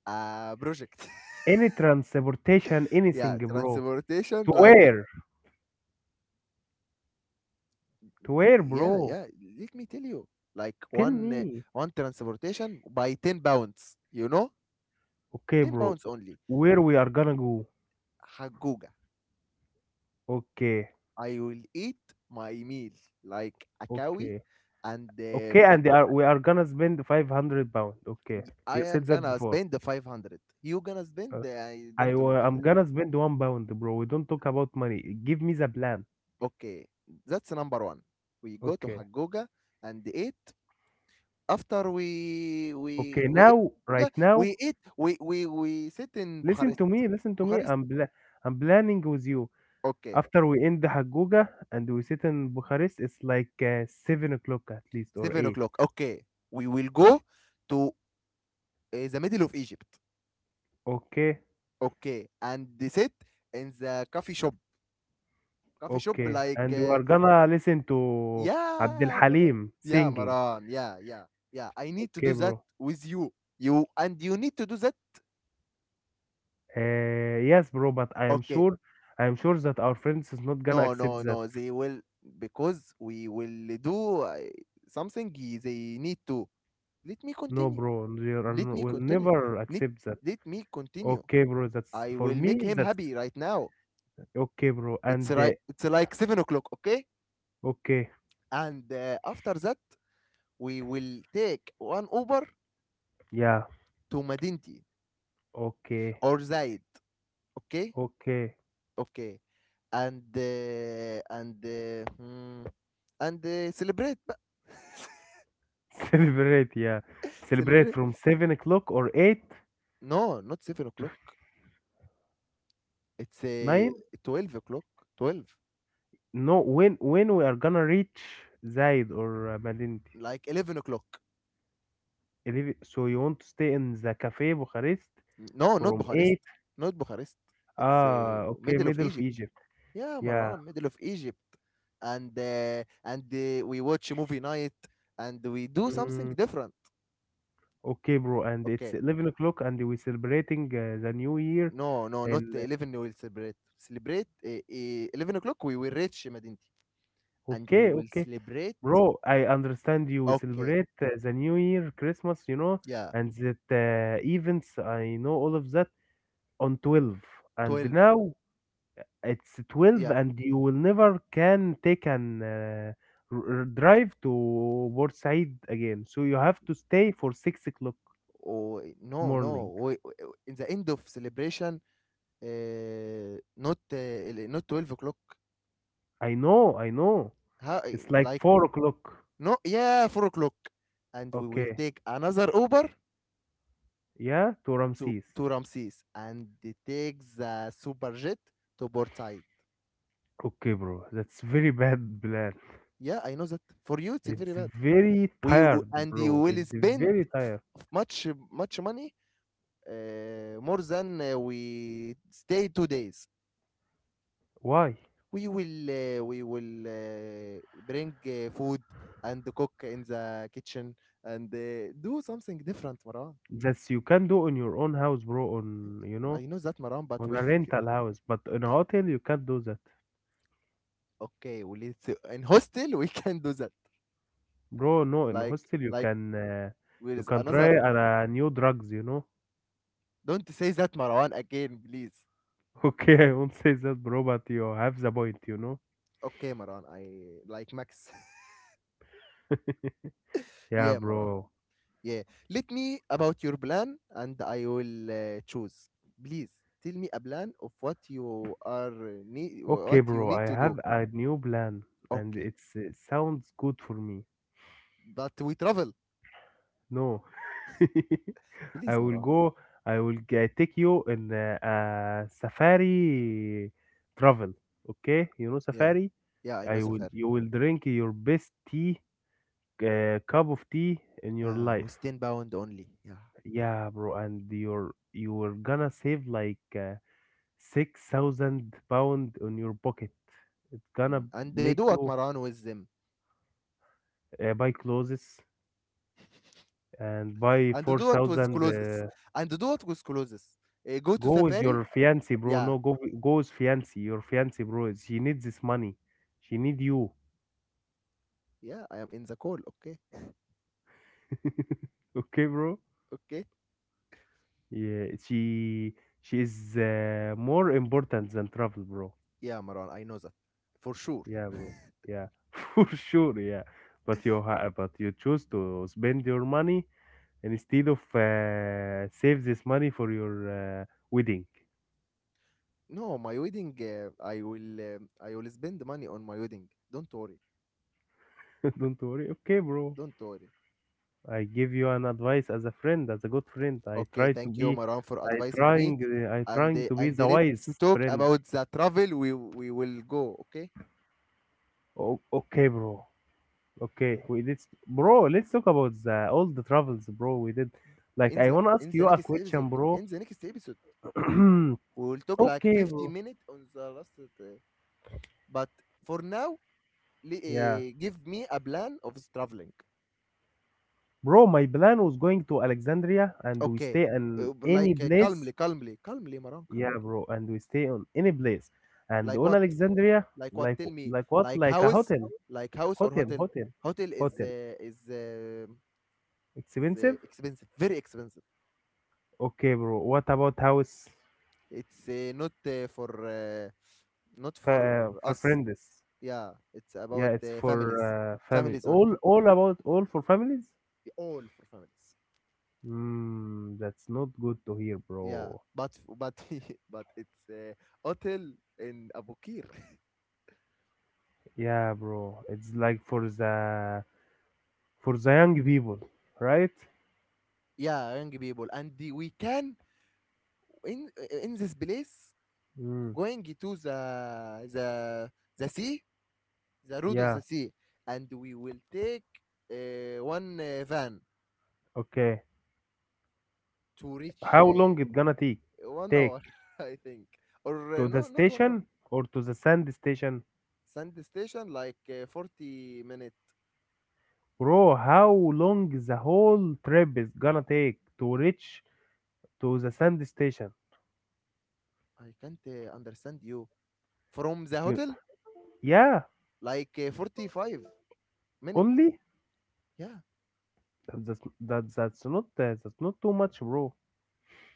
S1: a project.
S2: Any transportation,
S1: Yeah,
S2: anything, bro. To
S1: transportation. Like,
S2: where? To where,
S1: yeah,
S2: bro?
S1: yeah. Let me tell you, like
S2: Tell me.
S1: one transportation by £10. You know,
S2: Okay,
S1: ten
S2: bro.
S1: pounds only.
S2: Where we are gonna go?
S1: حجوجة.
S2: Okay,
S1: I will eat my meal like a cow,
S2: okay,
S1: and
S2: okay. And they are, we are gonna spend 500 pound. Okay,
S1: I
S2: you
S1: am
S2: said that
S1: gonna
S2: before.
S1: spend the 500. You gonna spend
S2: Uh,
S1: the, I don't know.
S2: I'm gonna spend 1 pound, bro. We don't talk about money. Give me the plan.
S1: Okay, that's number one. We go to
S2: Okay.
S1: Hagoga and eat. After
S2: Okay.
S1: we eat
S2: Now,
S1: Hagoga,
S2: right now,
S1: we eat we sit in
S2: listen
S1: Bucharest.
S2: to me.
S1: Bucharest.
S2: I'm planning with you.
S1: Okay,
S2: After we end the Haguga and we sit in Bucharest, it's like, 7 o'clock at least or
S1: seven
S2: eight.
S1: o'clock. Okay, we will go to the middle of Egypt.
S2: Okay.
S1: Okay, and they sit in the coffee shop. Coffee shop
S2: Okay.
S1: like.
S2: And we are gonna listen to Abdul
S1: Yeah, Maran.
S2: Halim
S1: Yeah,
S2: singing.
S1: Maran. Yeah, yeah. I need to
S2: Okay,
S1: do that
S2: bro.
S1: with you. You and you need to do that.
S2: Yes, bro. But I am
S1: Okay.
S2: sure, I am sure that our friends is not gonna
S1: No, no,
S2: accept that.
S1: no. They will because we will do something. They need to. Let me
S2: No,
S1: continue.
S2: bro,
S1: Let me
S2: will
S1: continue.
S2: never
S1: Need,
S2: accept that.
S1: Let me continue.
S2: Okay, bro. That's
S1: I
S2: for
S1: will make
S2: me.
S1: him
S2: That's
S1: happy right now.
S2: okay, bro.
S1: It's
S2: And,
S1: right. It's like 7 o'clock. Okay.
S2: okay,
S1: And after that, we will take one Uber
S2: yeah,
S1: to Madinti
S2: okay,
S1: or Zaid. Okay.
S2: okay.
S1: Okay, and hmm, and celebrate بقى.
S2: Celebrate, yeah. Celebrate
S1: Celebrate,
S2: from 7 o'clock or eight,
S1: no, not 7 o'clock. It's
S2: nine.
S1: 12 o'clock, 12,
S2: No, when we are gonna reach Zaid or, Madinti,
S1: like 11 o'clock.
S2: 11, so you want to stay in the cafe Bucharest
S1: no not
S2: from
S1: Bucharest
S2: eight.
S1: Not Bucharest. It's
S2: Ah, okay,
S1: middle of
S2: middle of
S1: Egypt.
S2: Egypt.
S1: Yeah,
S2: Yeah.
S1: Marwan, middle of Egypt. And we watch a movie night, and we do something
S2: Mm,
S1: different.
S2: okay, bro. And it's
S1: Okay,
S2: 11 o'clock, and we're celebrating, the new year.
S1: no, no, not
S2: And,
S1: 11. We will celebrate 11 o'clock. We will reach Medinti, and we
S2: okay,
S1: will
S2: okay.
S1: celebrate.
S2: Bro, I understand you
S1: Okay.
S2: celebrate, the New Year, Christmas, you know,
S1: Yeah.
S2: and that, events, I know all of that on 12. And
S1: 12.
S2: now it's 12,
S1: Yeah.
S2: and you will never can take an, drive to Bursaid again. So you have to stay for 6 o'clock
S1: Oh, no, no.
S2: morning.
S1: In the end of celebration, not 12 o'clock.
S2: I know, I know.
S1: How,
S2: It's like
S1: like,
S2: 4 o'clock.
S1: no, yeah, 4 o'clock. And we will
S2: Okay.
S1: take another Uber
S2: Yeah, to Ramses.
S1: to Ramses, and they take the super jet to Port Said.
S2: Okay, bro. That's very bad plan.
S1: Yeah, I know that. For you, it's
S2: It's
S1: very bad.
S2: very tired,
S1: And you
S2: bro.
S1: will
S2: It's
S1: spend
S2: very tired.
S1: much, much money, more than we stay 2 days.
S2: Why?
S1: We will bring food and cook in the kitchen, and do something different, Maran.
S2: That's you can do on your own house, bro. On you
S1: I
S2: know,
S1: know that, Maran, but
S2: on
S1: we
S2: a rental house, but in a hotel you can't do that,
S1: okay, we, let's in hostel we can do that.
S2: bro. No, in
S1: like
S2: hostel you
S1: like
S2: can, uh,
S1: where
S2: you
S1: is
S2: can
S1: another.
S2: try, new drugs.
S1: Don't say that, Maran, again, please.
S2: Okay, I won't say that, bro, but you have the point, you know.
S1: Okay, Maran, I like Max.
S2: Yeah,
S1: Yeah, Maran.
S2: bro.
S1: Yeah, let me about your plan, and I will choose. Please, tell me a plan of what you are need,
S2: Okay,
S1: what you
S2: bro. I
S1: need to do.
S2: have a new plan, and
S1: Okay.
S2: it sounds good for me.
S1: But we travel.
S2: No. I
S1: Please,
S2: will
S1: Mara.
S2: go. Take you in, a safari travel. Okay, you know
S1: Yeah.
S2: safari.
S1: Yeah, I know
S2: I will.
S1: Safari.
S2: You will drink your best cup of tea in your life.
S1: Who's 10 bound only. Yeah.
S2: Yeah, bro. And you're gonna save like, 6,000 pound on your pocket. It's gonna
S1: Mm. And
S2: make
S1: do what,
S2: you,
S1: Maran, with them.
S2: buy clothes and buy
S1: And
S2: four
S1: do what with
S2: thousand
S1: closes. And do what with closes. Go to
S2: Go with
S1: Safari.
S2: your fiancé, bro.
S1: Yeah.
S2: No, go with fiancé. Your fiancé, bro. She needs this money. She need you.
S1: Yeah, I am in the call. Okay.
S2: Okay, bro.
S1: Okay.
S2: Yeah, she is, more important than travel, bro.
S1: Yeah, Maran, I know that. For sure.
S2: Yeah, bro. Yeah, for sure. Yeah, but you choose to spend your money instead of, save this money for your, wedding.
S1: No, my wedding, I will spend money on my wedding. Don't worry.
S2: Don't worry. Okay, bro.
S1: Don't worry.
S2: I give you an advice as a friend, as a good friend. I
S1: Okay,
S2: try to
S1: thank you,
S2: be,
S1: Maran, for
S2: I
S1: advising me.
S2: trying, uh, I trying to be
S1: And
S2: the
S1: let's
S2: wise
S1: talk
S2: friend.
S1: about the travel. We will go. Okay,
S2: Okay, bro. Okay, we did, bro. Let's talk about the all the travels, bro. We did. Like,
S1: in
S2: I
S1: the
S2: wanna ask
S1: in the
S2: you a
S1: next episode,
S2: question, bro.
S1: in the next episode, we will talk like
S2: Okay,
S1: fifty
S2: bro.
S1: minutes on the last. But for now,
S2: Yeah,
S1: give me a plan of the traveling.
S2: bro. My plan was going to Alexandria, and we
S1: Okay,
S2: stay in
S1: but like
S2: any place.
S1: calmly, calmly, calmly, Maran,
S2: Yeah,
S1: calmly.
S2: bro. And we stay on any place, and
S1: Like
S2: on
S1: what?
S2: Alexandria,
S1: Like what?
S2: like,
S1: Tell me.
S2: like what? Like a hotel,
S1: Like house or
S2: hotel,
S1: hotel.
S2: hotel,
S1: Hotel is
S2: hotel.
S1: is
S2: Expensive?
S1: expensive, very expensive.
S2: Okay, bro. What about house
S1: It's not for not for
S2: for
S1: us.
S2: friends?
S1: Yeah, it's
S2: Yeah,
S1: about
S2: it's for
S1: families,
S2: family.
S1: families only.
S2: All for families?
S1: All for families.
S2: Hmm, that's not good to hear,
S1: Yeah,
S2: bro.
S1: but but it's hotel in Abu Qir.
S2: Yeah, bro. It's like for the young people, right?
S1: Yeah, young people, and we can in in this place
S2: Hmm.
S1: going to the the sea, the road of
S2: Yeah.
S1: the sea, and we will take one van
S2: Okay.
S1: to reach
S2: How long it gonna take?
S1: one
S2: Take
S1: hour, I think, or
S2: to the
S1: no, not 1 hour.
S2: station or to the sand station?
S1: Sand station like 40 minutes.
S2: Bro, how long the whole trip is gonna take to reach to the sand station?
S1: I can't understand you. From the
S2: You,
S1: hotel,
S2: yeah,
S1: like 45 minutes.
S2: only
S1: Yeah,
S2: that's not that's not too much, bro.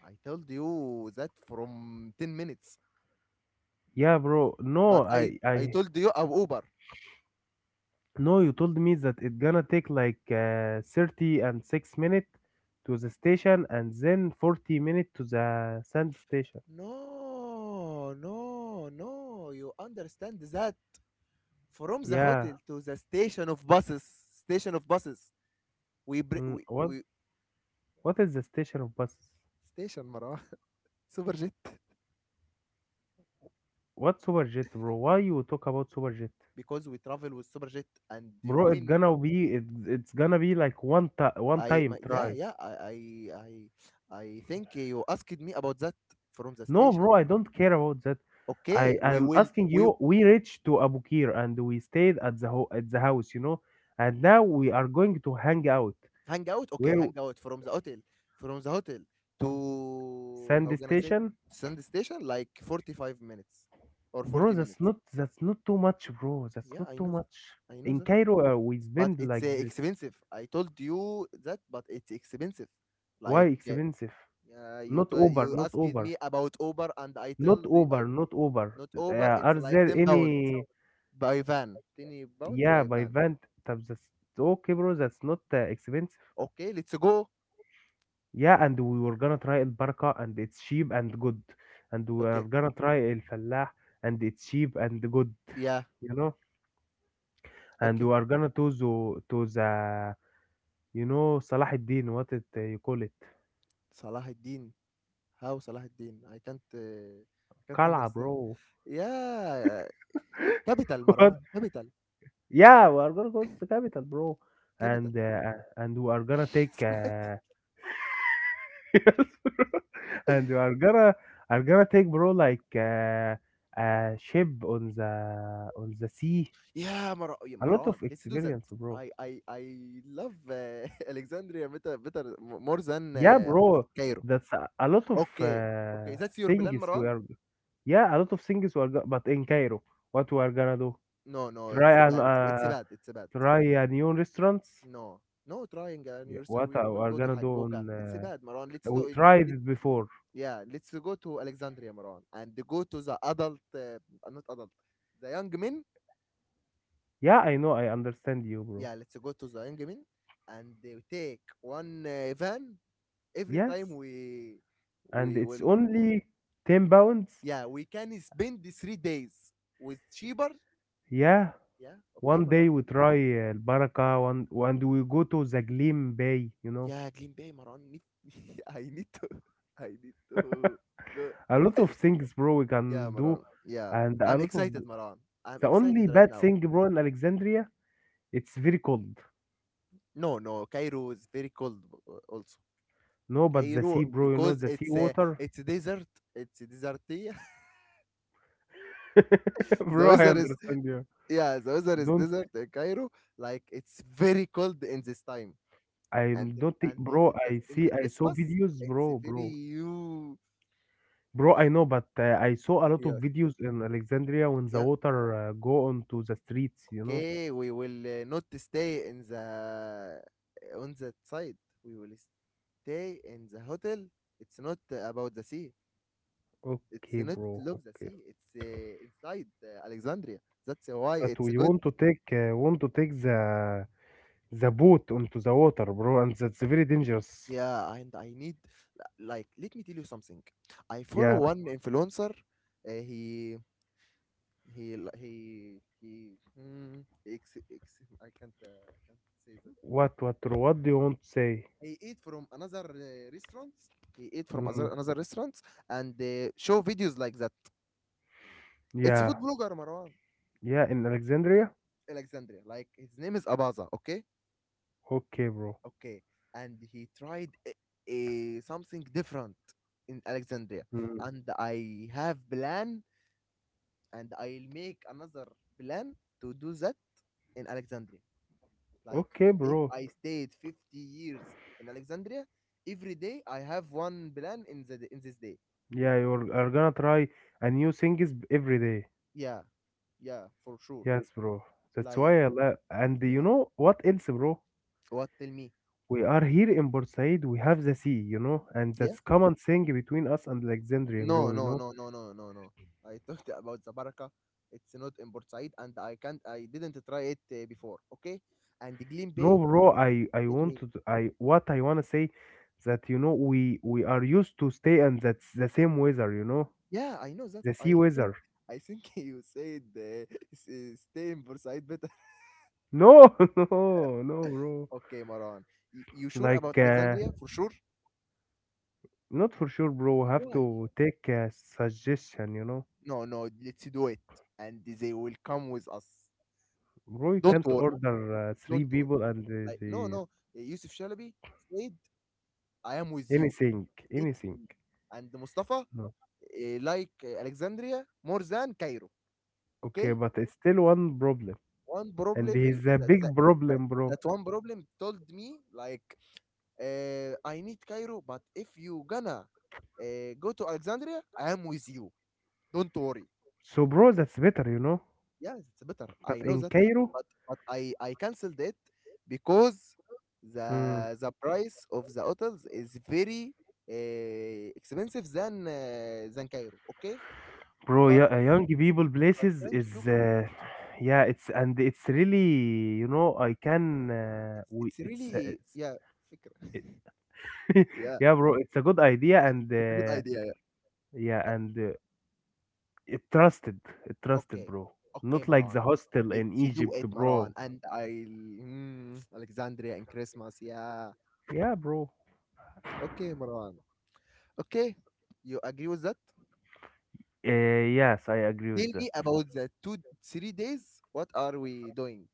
S1: I told you that from 10 minutes,
S2: Yeah, bro.
S1: but
S2: No,
S1: I
S2: I
S1: I
S2: I
S1: told you of Uber.
S2: no. You told me that it's gonna take like 30 and 6 minutes to the station, and then 40 minutes to the sand station.
S1: No, no, no, you understand that from the hotel
S2: Yeah.
S1: to the station of buses. Station of buses, we br-
S2: Mm,
S1: we,
S2: what
S1: we
S2: what is the station of buses?
S1: station, Marwa. Superjet,
S2: What Superjet, bro? Why you talk about Superjet,
S1: because we travel with superjet, and
S2: bro? It's
S1: when
S2: gonna be it's gonna be like one
S1: I my,
S2: time
S1: yeah
S2: try.
S1: yeah I I think you asked me about that, from the
S2: No, bro,
S1: station.
S2: I don't care about that. I
S1: Okay, we
S2: am
S1: will
S2: asking
S1: we
S2: you. We reached to Abu Kir and we stayed at the at the house, you know. And now we are going to hang out.
S1: hang out. Okay,
S2: Where
S1: hang out from the hotel, from the hotel to
S2: sand
S1: how can I say it?
S2: station,
S1: Sand station, like 45 minutes or
S2: bro?
S1: forty minutes.
S2: That's not too much, bro. That's
S1: Yeah,
S2: not
S1: I
S2: too
S1: know that.
S2: much.
S1: I know
S2: In
S1: that.
S2: Cairo, we
S1: But
S2: spend
S1: it's
S2: like this.
S1: expensive. I told you that, but it's expensive.
S2: Why
S1: Like
S2: expensive?
S1: yeah, you
S2: Not
S1: told
S2: Uber,
S1: you
S2: not
S1: asked
S2: Uber,
S1: me about Uber, and I told the
S2: Not Uber.
S1: not Uber. It's
S2: Are
S1: like
S2: there
S1: £10.
S2: any?
S1: بايفان 10 باوندز
S2: Yeah, by
S1: بايفان.
S2: van. That's okay, bro. That's not expensive.
S1: اوكي ليتس جو.
S2: Yeah, and we were gonna try البركة and it's cheap and good, and we are
S1: اوكي.
S2: gonna try الفلاح and it's cheap and good,
S1: يا.
S2: you know, and
S1: اوكي.
S2: we are gonna to the you know صلاح الدين what it you call it
S1: صلاح الدين. هاو صلاح الدين اي كانت. كانت
S2: قلعة
S1: اندرستاند
S2: bro.
S1: يا. كابيتال
S2: What?
S1: مروان كابيتال.
S2: Yeah, we are gonna go to the capital, bro,
S1: كابيتال.
S2: and we are gonna take
S1: صلاح الدين.
S2: and we are gonna take bro like a ship on the sea.
S1: يا يا
S2: A lot
S1: مروان
S2: of
S1: ليتس دو ذات.
S2: experience, bro.
S1: I I I love Alexandria, better more than
S2: Yeah, bro,
S1: Cairo.
S2: that's a lot of
S1: Okay, okay, that's your plan,
S2: things we
S1: Marwan?
S2: are. Yeah, a lot of things we are. But in Cairo, what we are gonna do?
S1: No, no,
S2: Try
S1: it's
S2: an
S1: bad. It's bad. It's bad.
S2: try a new restaurants.
S1: No, no triangle on
S2: Yeah,
S1: your side.
S2: what
S1: We
S2: are we
S1: will
S2: are
S1: go to
S2: gonna do?
S1: Hagoga.
S2: On
S1: It's bad, Maran. Let's
S2: we
S1: do it.
S2: tried
S1: Let,
S2: it before.
S1: yeah, let's go to Alexandria, Maran, and go to the adult, not adult, the young men.
S2: Yeah, I know. I understand you, bro.
S1: Yeah, let's go to the young men, and they take one van every
S2: Yes,
S1: time
S2: and
S1: we
S2: it's
S1: will.
S2: only 10 pounds.
S1: Yeah, we can spend the 3 days with cheaper.
S2: Yeah,
S1: Yeah, okay,
S2: one day
S1: Maran.
S2: we try Baraka. One, one do we go to the Gleam Bay? You know,
S1: Yeah, Green Bay, Maran. Need, I need to. I need to go.
S2: a lot of things, bro. We
S1: Yeah,
S2: can do
S1: Maran. Yeah.
S2: and a
S1: I'm
S2: lot of.
S1: excited, Maran. I'm
S2: The only
S1: excited right
S2: bad
S1: now.
S2: thing, bro, in Alexandria, it's very cold.
S1: No, no, Cairo is very cold also.
S2: No, but the
S1: Cairo
S2: sea, bro, you know
S1: because
S2: the sea
S1: it's
S2: water.
S1: a desert. It's a desert. Here. the
S2: Bro, I
S1: weather is
S2: understand you.
S1: yeah, the weather is
S2: Don't.
S1: desert in Cairo. Like it's very cold in this time.
S2: I don't think, bro.
S1: In the
S2: I
S1: in
S2: see,
S1: the
S2: I saw
S1: Christmas,
S2: videos,
S1: it's a very you
S2: bro. I know, but I saw a lot of
S1: yeah.
S2: videos in Alexandria when the
S1: Yeah.
S2: water go onto the streets, you know.
S1: Okay, we will not stay in the on that side. We will stay in the hotel. It's not about the sea. It's
S2: Okay,
S1: not
S2: bro.
S1: Luxor
S2: Okay,
S1: Sea. It's inside Alexandria. That's why
S2: but
S1: it's
S2: we
S1: good.
S2: want to take the boat onto the water, bro, and that's very dangerous.
S1: Yeah, and I need, like, let me tell you something. I follow
S2: Yeah.
S1: one influencer. Uh, he he li- he he. I can't say that.
S2: What do you want to say?
S1: He ate from another restaurant. He ate from other
S2: Mm.
S1: another restaurant and show videos like that. It's
S2: Yeah,
S1: food blogger Marwan
S2: yeah, in Alexandria?
S1: Alexandria. Like his name is Abaza. Okay.
S2: Okay, bro.
S1: Okay, and he tried a something different in Alexandria,
S2: Mm.
S1: and I have plan, and I'll make another plan to do that in Alexandria. Like
S2: Okay,
S1: if
S2: bro.
S1: I stayed 50 years in Alexandria, every day I have one plan in this day.
S2: Yeah, you're are gonna try a new things every day.
S1: Yeah, yeah, for sure.
S2: Yes, bro. That's
S1: Like,
S2: why I like. And you
S1: yeah,
S2: know what else, bro?
S1: what? Tell me.
S2: We are here in Bursaid. We have the sea, you know, and
S1: Yeah.
S2: that's common thing between us and Alexandria,
S1: No,
S2: bro. You
S1: no,
S2: know.
S1: no, no, no, no, no. I talked about Zabaraka. It's not in Port Said, and I can't. I didn't try it before. Okay, and the Gleam
S2: No,
S1: Bay.
S2: bro. I
S1: Let
S2: want
S1: me.
S2: to. I what I wanna say, that you know we are used to stay and that's the same weather, you know,
S1: Yeah, I know that.
S2: the sea
S1: I think.
S2: weather.
S1: I think you said stay in Port Said better.
S2: No, No, bro.
S1: Okay, Maran. You sure
S2: Like,
S1: about Alexandria? For sure.
S2: not for sure, bro. Have
S1: Why?
S2: to take a suggestion, you know.
S1: No, no. Let's do it, and they will come with us.
S2: Bro, you
S1: Don't
S2: can't
S1: worry.
S2: order
S1: Don't
S2: three
S1: worry.
S2: people and
S1: Like, no,
S2: the
S1: no. Yusuf Shalabi said, "I am with you."
S2: anything, anything.
S1: Easy. And Mustafa
S2: No.
S1: like Alexandria more than Cairo.
S2: Okay,
S1: Okay,
S2: but it's still one problem,
S1: one
S2: and
S1: problem
S2: it's a big
S1: that
S2: problem, bro.
S1: that one problem told me, like, I need Cairo, but if you gonna go to Alexandria, I am with you. Don't worry.
S2: So, bro, that's better, you know.
S1: Yes, it's better.
S2: But
S1: I know
S2: in
S1: that,
S2: Cairo,
S1: but I canceled it because
S2: hmm,
S1: the price of the hotels is very expensive than Cairo. Okay,
S2: bro,
S1: but
S2: yeah, young people places
S1: young
S2: is,
S1: people.
S2: yeah, it's and it's really, you know, I can,
S1: It's
S2: we,
S1: it's
S2: it's,
S1: really,
S2: it's
S1: yeah, فكرة. Yeah,
S2: yeah, bro, it's a good idea and.
S1: it's a good
S2: Uh.
S1: idea. Yeah.
S2: Yeah, and it trusted, it trusted,
S1: Okay.
S2: bro.
S1: Okay,
S2: Not like the
S1: Maran.
S2: hostel in
S1: Let's do
S2: Egypt,
S1: it, Maran.
S2: bro.
S1: And I'll Alexandria and Christmas. Yeah.
S2: Yeah, bro.
S1: Okay, Maran. Okay. You agree with that?
S2: Yes, I agree
S1: Tell
S2: with that.
S1: me about the two three days. What are we doing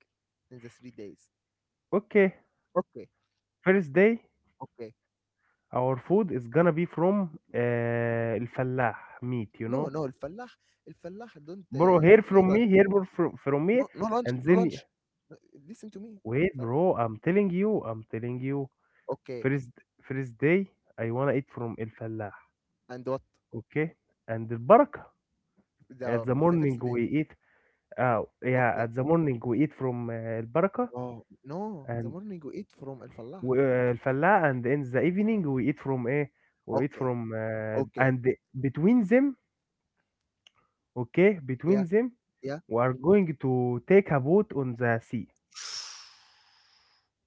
S1: in the 3 days?
S2: Okay,
S1: Okay.
S2: first day,
S1: Okay.
S2: our food is gonna be from El Fallah meat, you
S1: No,
S2: know,
S1: no, الفلاح الفلاح don't
S2: bro. Hear
S1: no
S2: from
S1: lunch,
S2: me, hear more from me,
S1: no, no lunch,
S2: and
S1: no
S2: then
S1: lunch. No, listen to me.
S2: wait,
S1: ف-
S2: bro. I'm telling you.
S1: okay.
S2: First, first day, I wanna eat from El Fallah,
S1: And what,
S2: okay? And the barakah. At the
S1: the
S2: morning,
S1: first day.
S2: we eat. Oh, yeah,
S1: Okay.
S2: at the morning we eat from البركة
S1: Oh, no, the
S2: and
S1: morning you eat from Al Falah.
S2: الفلاة and in the evening we eat from ايه we eat
S1: Okay,
S2: from
S1: okay,
S2: and between them okay between
S1: yeah,
S2: them
S1: yeah.
S2: we are going to take a boat on the sea.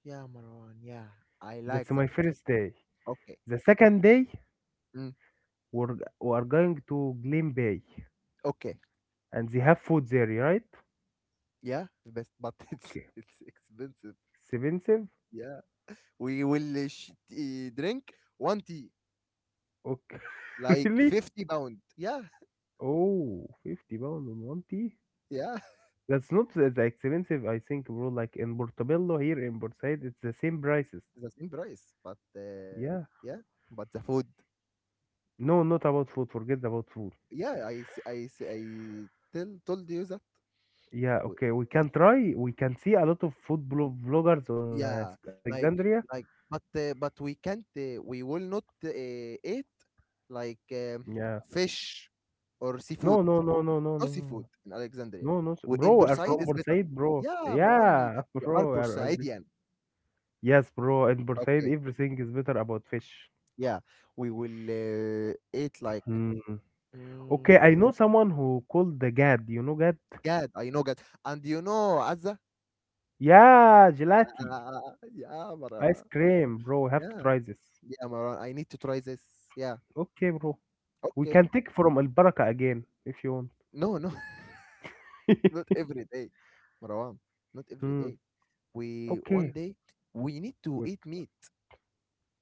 S1: Yeah, Marwan, yeah, I
S2: That's
S1: like
S2: my
S1: that.
S2: first day.
S1: Okay,
S2: The second day
S1: mm,
S2: we are going to Glen Bay
S1: okay,
S2: and they have food there right.
S1: yeah, the best, but it's
S2: Okay,
S1: it's expensive.
S2: expensive.
S1: Yeah, we will drink one tea,
S2: Okay.
S1: like
S2: Really?
S1: 50 pound. Yeah,
S2: Oh, 50 pounds pound on one tea.
S1: yeah,
S2: That's not that expensive, I think, bro. Like in Portobello here in Port Said, it's the same prices.
S1: the same price, but
S2: Yeah.
S1: yeah, but the food.
S2: No, not about food. Forget about food.
S1: Yeah, I s- I s- I tell told you that.
S2: Yeah, okay. We can try. We can see a lot of food vloggers on
S1: Yeah, like,
S2: Alexandria.
S1: but we will not eat, like,
S2: Yeah.
S1: fish or seafood. No seafood
S2: No.
S1: in Alexandria. We, in
S2: Bro. Are
S1: Bursaid
S2: from
S1: is
S2: Port
S1: better.
S2: Said, bro.
S1: Yeah, Marwan, you,
S2: Yeah,
S1: you are
S2: bro.
S1: Bursaidian.
S2: Yes, bro. In Port Said,
S1: Okay.
S2: everything is better about fish.
S1: Yeah, we will eat, like,
S2: Hmm.
S1: mm,
S2: Okay, I know someone who called the Gad. You know Gad?
S1: Gad. I know Gad, and you know Azza.
S2: Yeah, gelati.
S1: Yeah, yeah,
S2: Ice
S1: Marwan.
S2: cream, bro. Have to
S1: Yeah,
S2: try this.
S1: yeah, Marwan. I need to try this. Yeah.
S2: Okay, bro. We
S1: Okay.
S2: can take from Al Baraka again if you want.
S1: No, no, not every day, Marwan. Not every
S2: Hmm.
S1: day. We one
S2: Okay.
S1: day we need to
S2: Wait.
S1: eat meat.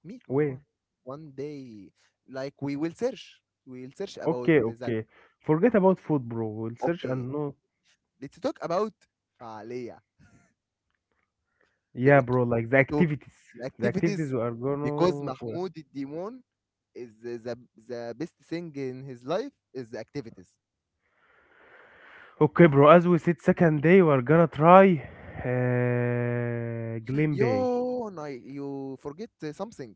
S1: Meat,
S2: Where?
S1: Marwan. One day, like, we will search. We will search about
S2: Okay.
S1: that.
S2: Okay. Forget about food, bro. We'll search and
S1: Okay,
S2: know.
S1: let's talk about فعالية
S2: Yeah,
S1: ب-
S2: bro. Like the
S1: to
S2: activities.
S1: the
S2: The activities
S1: activities
S2: we are
S1: because
S2: gonna.
S1: Mahmoud Demon is the best thing in his life is the activities.
S2: Okay, bro. As we said, second day we are gonna try. Glen Bay.
S1: Yo, no, you forget something.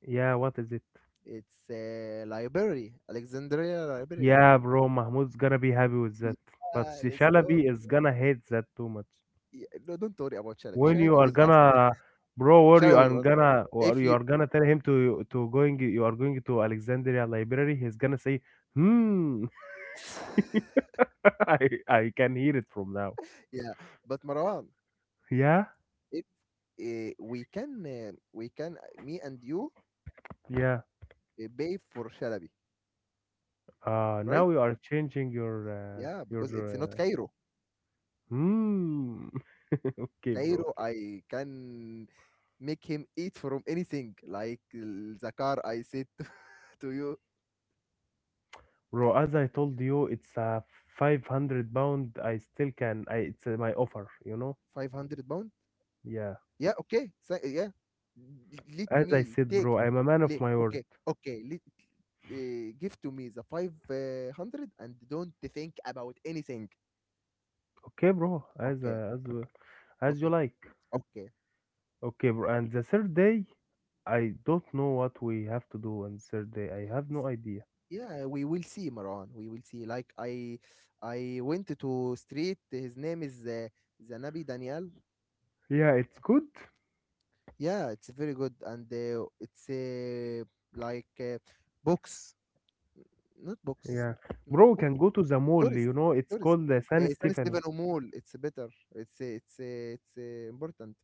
S2: Yeah. What is it?
S1: It's library, Alexandria library.
S2: Yeah, bro. Mahmoud's gonna be happy with that, but
S1: Yeah, let's go.
S2: Shalabi is gonna hate that too much.
S1: Yeah, no, don't worry about Shalabi.
S2: When you
S1: Shalabi
S2: are
S1: was us.
S2: gonna bro where you
S1: Shalabi
S2: are
S1: was us.
S2: gonna or
S1: If
S2: you
S1: you,
S2: are gonna tell him to going you are going to Alexandria Library he's gonna say hmm. I I can hear it from now,
S1: yeah, but Marwan,
S2: yeah.
S1: if we can, me and you
S2: Yeah,
S1: pay for Shalabi, right?
S2: now you are changing your
S1: Yeah, because it's not Cairo.
S2: hmm. Okay, bro.
S1: Cairo,
S2: Okay.
S1: I can make him eat from anything. Like, the car I said to you,
S2: Bro, as I told you it's a 500 pound I still can I it's my offer you know,
S1: 500 pounds.
S2: yeah.
S1: Yeah, okay. So yeah. L let
S2: As I
S1: me
S2: said
S1: take
S2: bro I'm a man
S1: le
S2: of my word.
S1: Okay, okay, let give to me the 500 and don't think about anything.
S2: Okay bro as
S1: Okay,
S2: as
S1: okay,
S2: you like.
S1: okay.
S2: Okay, bro. And the third day, I don't know what we have to do on the third day. I have no idea.
S1: Yeah, we will see, Marwan. We will see. Like, I went to street. His name is Zanabi Daniel.
S2: Yeah, it's good.
S1: Yeah, it's very good. And it's like books. Not books.
S2: Yeah,
S1: Not
S2: bro, we
S1: book
S2: can go to the mall.
S1: stories,
S2: You know, it's
S1: stories.
S2: called the San
S1: San
S2: Stefano.
S1: Stefano Mall. It's better. It's important.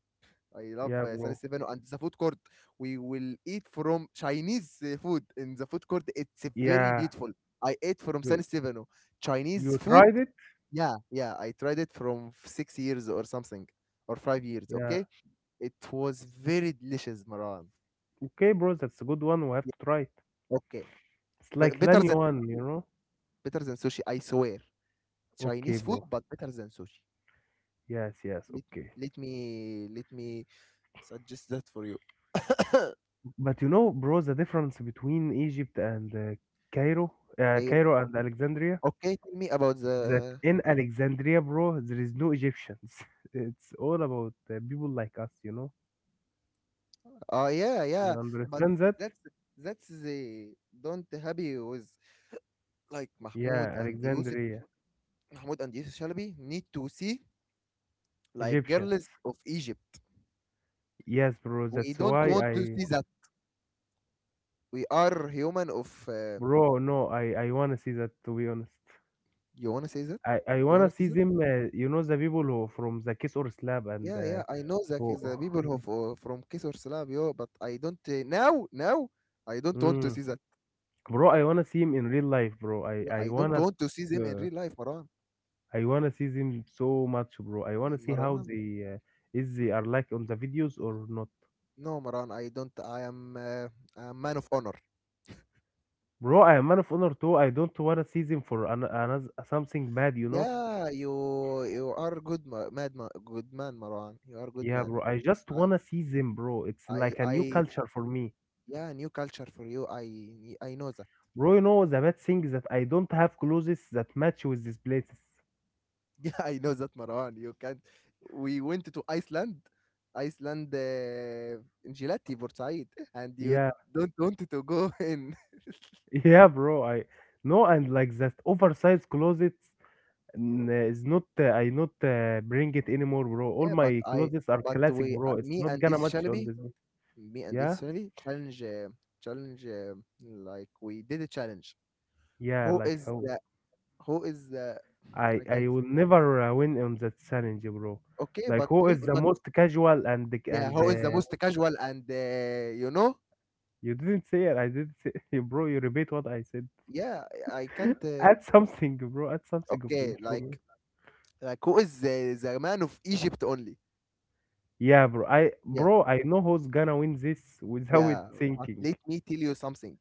S1: I love
S2: Yeah,
S1: San
S2: bro.
S1: Stefano and the food court. We will eat from Chinese food in the food court. It's very
S2: Yeah,
S1: beautiful. I ate from
S2: you
S1: San Stefano Chinese
S2: you
S1: food.
S2: tried it?
S1: Yeah, yeah. I tried it from 6 years or something or 5 years.
S2: Yeah.
S1: Okay, it was very delicious, Maran.
S2: Okay, bro, that's a good one. We have to
S1: Yeah,
S2: try it.
S1: okay,
S2: It's
S1: but
S2: like
S1: better
S2: Lani
S1: than
S2: one, you
S1: sushi.
S2: know?
S1: Better than sushi. I swear.
S2: Okay,
S1: Chinese food,
S2: bro.
S1: but better than sushi.
S2: Yes, yes,
S1: Let,
S2: okay.
S1: let me suggest that for you.
S2: But you know, bro, the difference between Egypt and Cairo,
S1: I,
S2: Cairo and Alexandria.
S1: okay, tell me about
S2: That
S1: the.
S2: in Alexandria, bro, there is no Egyptians. It's all about people like us, you know.
S1: Oh, yeah,
S2: You
S1: yeah. But
S2: understand that?
S1: that's that's the don't happy with, like, Mahmoud
S2: Yeah,
S1: and Yusuf.
S2: Alexandria,
S1: Mahmoud and Yusuf Shalabi need to see, like,
S2: Egyptians.
S1: girls of Egypt.
S2: Yes, bro.
S1: We
S2: That's
S1: don't
S2: why
S1: want to
S2: I,
S1: see that. We are human of.
S2: bro. No, I wanna see that to be honest.
S1: You wanna say that?
S2: I
S1: You
S2: wanna
S1: wanna see
S2: see
S1: that?
S2: them. You know the people who from the Kiss or Slab and
S1: Yeah, yeah, I know that
S2: who,
S1: is the
S2: who-
S1: people who
S2: yeah.
S1: from Kisor Slavio, but I don't, now I don't want to
S2: Mm.
S1: see that.
S2: Bro. I wanna see him in real life, bro. I
S1: I don't
S2: wanna.
S1: want to see them in
S2: Uh,
S1: real life, Maran.
S2: I wanna see them so much, bro. I wanna see how
S1: Maran,
S2: they is they are like on the videos or not,
S1: no, Maran. I don't. I am a man of honor.
S2: bro. I am Man of Honor too. I don't wanna see them for another something bad, you know.
S1: Yeah, you are good, good man, Maran. You are good
S2: Yeah,
S1: man.
S2: bro. I just
S1: I
S2: wanna see them, bro. It's like a new
S1: I
S2: culture for me,
S1: Yeah, new culture for you. I know that.
S2: bro. You know the bad thing is that I don't have clothes that match with these places.
S1: Yeah, I know that, Marwan. You can't. We went to Iceland, Iceland, in Gilati, Bursaid, and you
S2: Yeah,
S1: don't want to go in.
S2: yeah, bro. I no, and like that oversized closets is not. I not bring it anymore, bro. All
S1: Yeah, but
S2: my clothes are classic,
S1: we,
S2: bro. It's
S1: me
S2: not
S1: and
S2: gonna
S1: this
S2: match on
S1: Shalabi,
S2: this. Yeah,
S1: challenge, like, we did a challenge.
S2: yeah,
S1: Who
S2: like
S1: is
S2: how.
S1: the, who is the, I can't.
S2: I will never win on that challenge, bro.
S1: Okay,
S2: Like
S1: but,
S2: who is the most casual and
S1: yeah,
S2: and
S1: who is the most casual and,
S2: you didn't say it. I didn't say bro. You repeat what I said.
S1: yeah, I can't,
S2: Add something, bro. Add something of you,
S1: okay,
S2: bro.
S1: like. Like, who is the man of Egypt only?
S2: Yeah,
S1: Yeah,
S2: bro. I know who's gonna win this without
S1: yeah. But
S2: thinking.
S1: let me tell you something.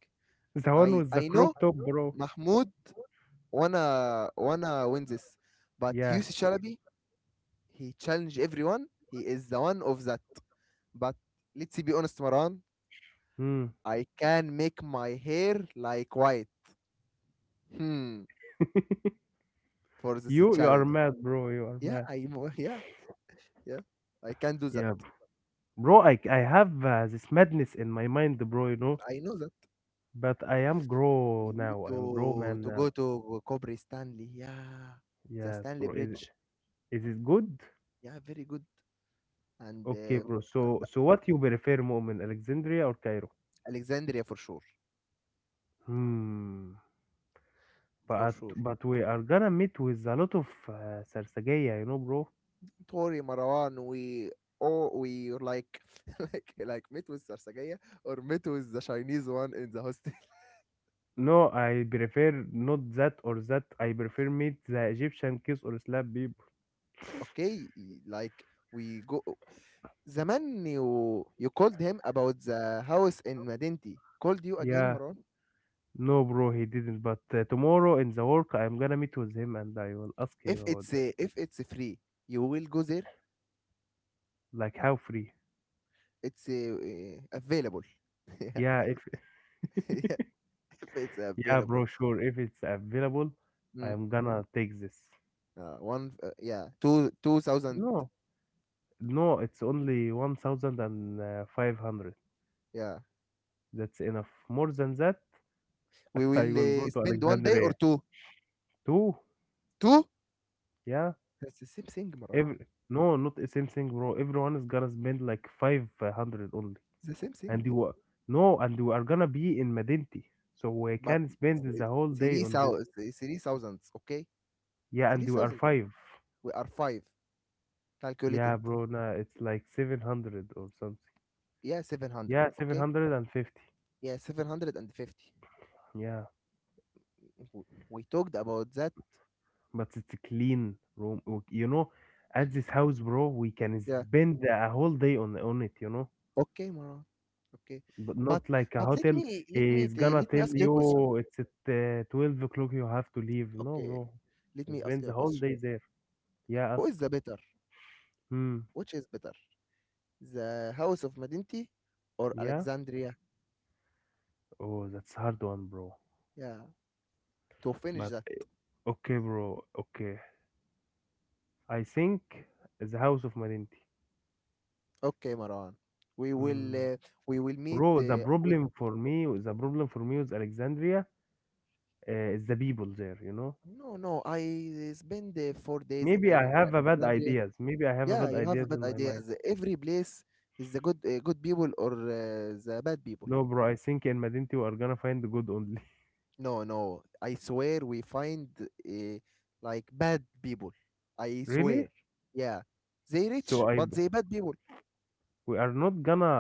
S2: The one
S1: I
S2: with the
S1: I know
S2: crop top, bro.
S1: Mahmoud wanna win this, but
S2: Yeah.
S1: Yusuf Chalabi he challenged everyone. He is the one of that. But let's be honest, Maran.
S2: Hmm.
S1: I can make my hair, like, white. Hmm. For this
S2: You are
S1: challenge.
S2: mad, bro. You are
S1: Yeah,
S2: mad.
S1: yeah, yeah. I can do that.
S2: Yeah, bro. I have this madness in my mind, bro. You know.
S1: I know that.
S2: But I am grow
S1: We need
S2: now. I am grow
S1: to
S2: man
S1: to go
S2: now.
S1: to Cobra Stanley. Yeah, the
S2: Yes,
S1: Stanley
S2: bro.
S1: Bridge.
S2: Is it good?
S1: Yeah, very good. And
S2: Okay, bro.
S1: and
S2: So so what you prefer, Mu'min, Alexandria or Cairo?
S1: Alexandria for sure,
S2: Hmm.
S1: for sure.
S2: But we are gonna meet with a lot of Sarsageya, you know, bro.
S1: Do, Marwan. We like like met with Sarsagaya or met with the Chinese one in the hostel.
S2: No, I prefer not that or that. I prefer meet the Egyptian kiss or slap people.
S1: Okay, like, we go. The man you called him about the house in Madinti called you again,
S2: Yeah.
S1: Marwan.
S2: No, bro, he didn't. But tomorrow in the work, I'm gonna meet with him and I will ask him
S1: If
S2: about
S1: it's
S2: that.
S1: uh, if it's free, you will go there.
S2: Like how free?
S1: It's available. Yeah,
S2: Yeah, if
S1: yeah, if it's
S2: yeah,
S1: available.
S2: bro, sure. If it's available, I
S1: Hmm.
S2: am gonna take this.
S1: 2,000.
S2: No, no, it's only 1,500.
S1: Yeah,
S2: That's enough. More than that,
S1: we will
S2: I will go to
S1: spend one day or
S2: Alexandria.
S1: two.
S2: Two,
S1: Two?
S2: yeah.
S1: That's the same thing, Marwan.
S2: Every no, not the same thing, bro. Everyone is gonna spend like 500 only,
S1: It's the same thing,
S2: and you are- no, and you are gonna be in Medinti, so we
S1: but
S2: can
S1: it's,
S2: spend the whole day
S1: three
S2: on that.
S1: thousand, 3,000. Okay,
S2: Yeah,
S1: three
S2: and you are
S1: thousand.
S2: five.
S1: We are five. Calculate it.
S2: Yeah, bro, nah, it's like 700 or something.
S1: Yeah, 700.
S2: Yeah,
S1: Okay.
S2: 750.
S1: Yeah, 750.
S2: Yeah.
S1: We talked about that.
S2: But it's a clean room. You know, at this house, bro, we can
S1: Yeah.
S2: spend a whole day on it. You know,
S1: Okay, Marwan. Okay,
S2: but not
S1: but
S2: like a
S1: but
S2: hotel. Is gonna
S1: let me
S2: tell
S1: ask you a
S2: you
S1: question.
S2: "Oh, it's at 12 o'clock. You have to leave. No, bro,
S1: Okay, let
S2: can
S1: me ask
S2: spend
S1: you a
S2: the whole
S1: question.
S2: day there. Yeah,
S1: Who
S2: ask.
S1: is the better?
S2: Hmm.
S1: Which is better? The House of Medinti or
S2: Yeah.
S1: Alexandria?
S2: Oh, that's hard one, bro.
S1: Yeah, to finish
S2: But
S1: that.
S2: okay, bro. Okay, I think the house of Madinti.
S1: Okay, Marwan. We will
S2: Mm.
S1: uh, we will meet
S2: Bro,
S1: with.
S2: the problem for me with Alexandria is the people there, you know?
S1: No, no, I spend 4 days in Alexandria.
S2: Maybe I have a
S1: Yeah,
S2: bad
S1: you have
S2: ideas
S1: bad
S2: in my mind.
S1: ideas. Every place is the good people or the bad people.
S2: No, bro, I think in Madinti we are gonna find the good only.
S1: No, no, I swear we find like bad people. I swear.
S2: Really?
S1: Yeah, they
S2: So
S1: rich, but they bad people.
S2: we are not gonna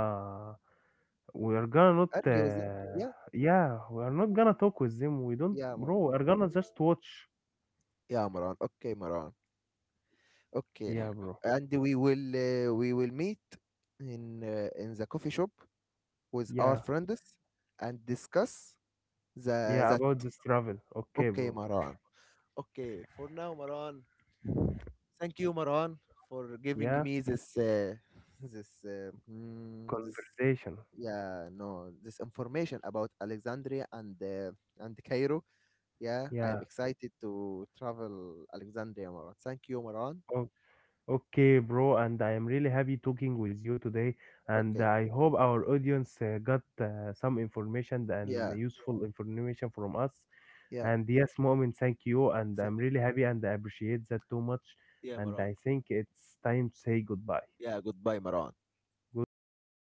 S2: we are gonna not
S1: Argue with them. Yeah,
S2: yeah, we are not gonna talk with them. We don't
S1: yeah, Maran.
S2: bro, we are gonna just watch.
S1: Yeah, Maran. Okay, Maran. Okay,
S2: Yeah, bro.
S1: and we will meet in the coffee shop with our
S2: Yeah.
S1: friends and discuss the
S2: Yeah,
S1: that.
S2: about this travel. Okay,
S1: Okay,
S2: bro.
S1: Maran. Okay, for now, Maran. Thank you, Maran, for giving
S2: Yeah.
S1: me this this,
S2: Conversation.
S1: yeah, no, this information about Alexandria and and Cairo. Yeah, I am
S2: Yeah.
S1: excited to travel Alexandria, Maran. Thank you, Maran.
S2: Oh, okay, bro, and I am really happy talking with you today, and
S1: Okay.
S2: I hope our audience got some information and
S1: Yeah.
S2: useful information from us.
S1: Yeah.
S2: And yes, Mu'min, thank you, and I'm
S1: Thank.
S2: really happy and I appreciate that too much.
S1: Yeah,
S2: And
S1: Maran.
S2: I think it's time to say goodbye.
S1: Yeah, goodbye, Maran.
S2: Goodbye, Mu'min.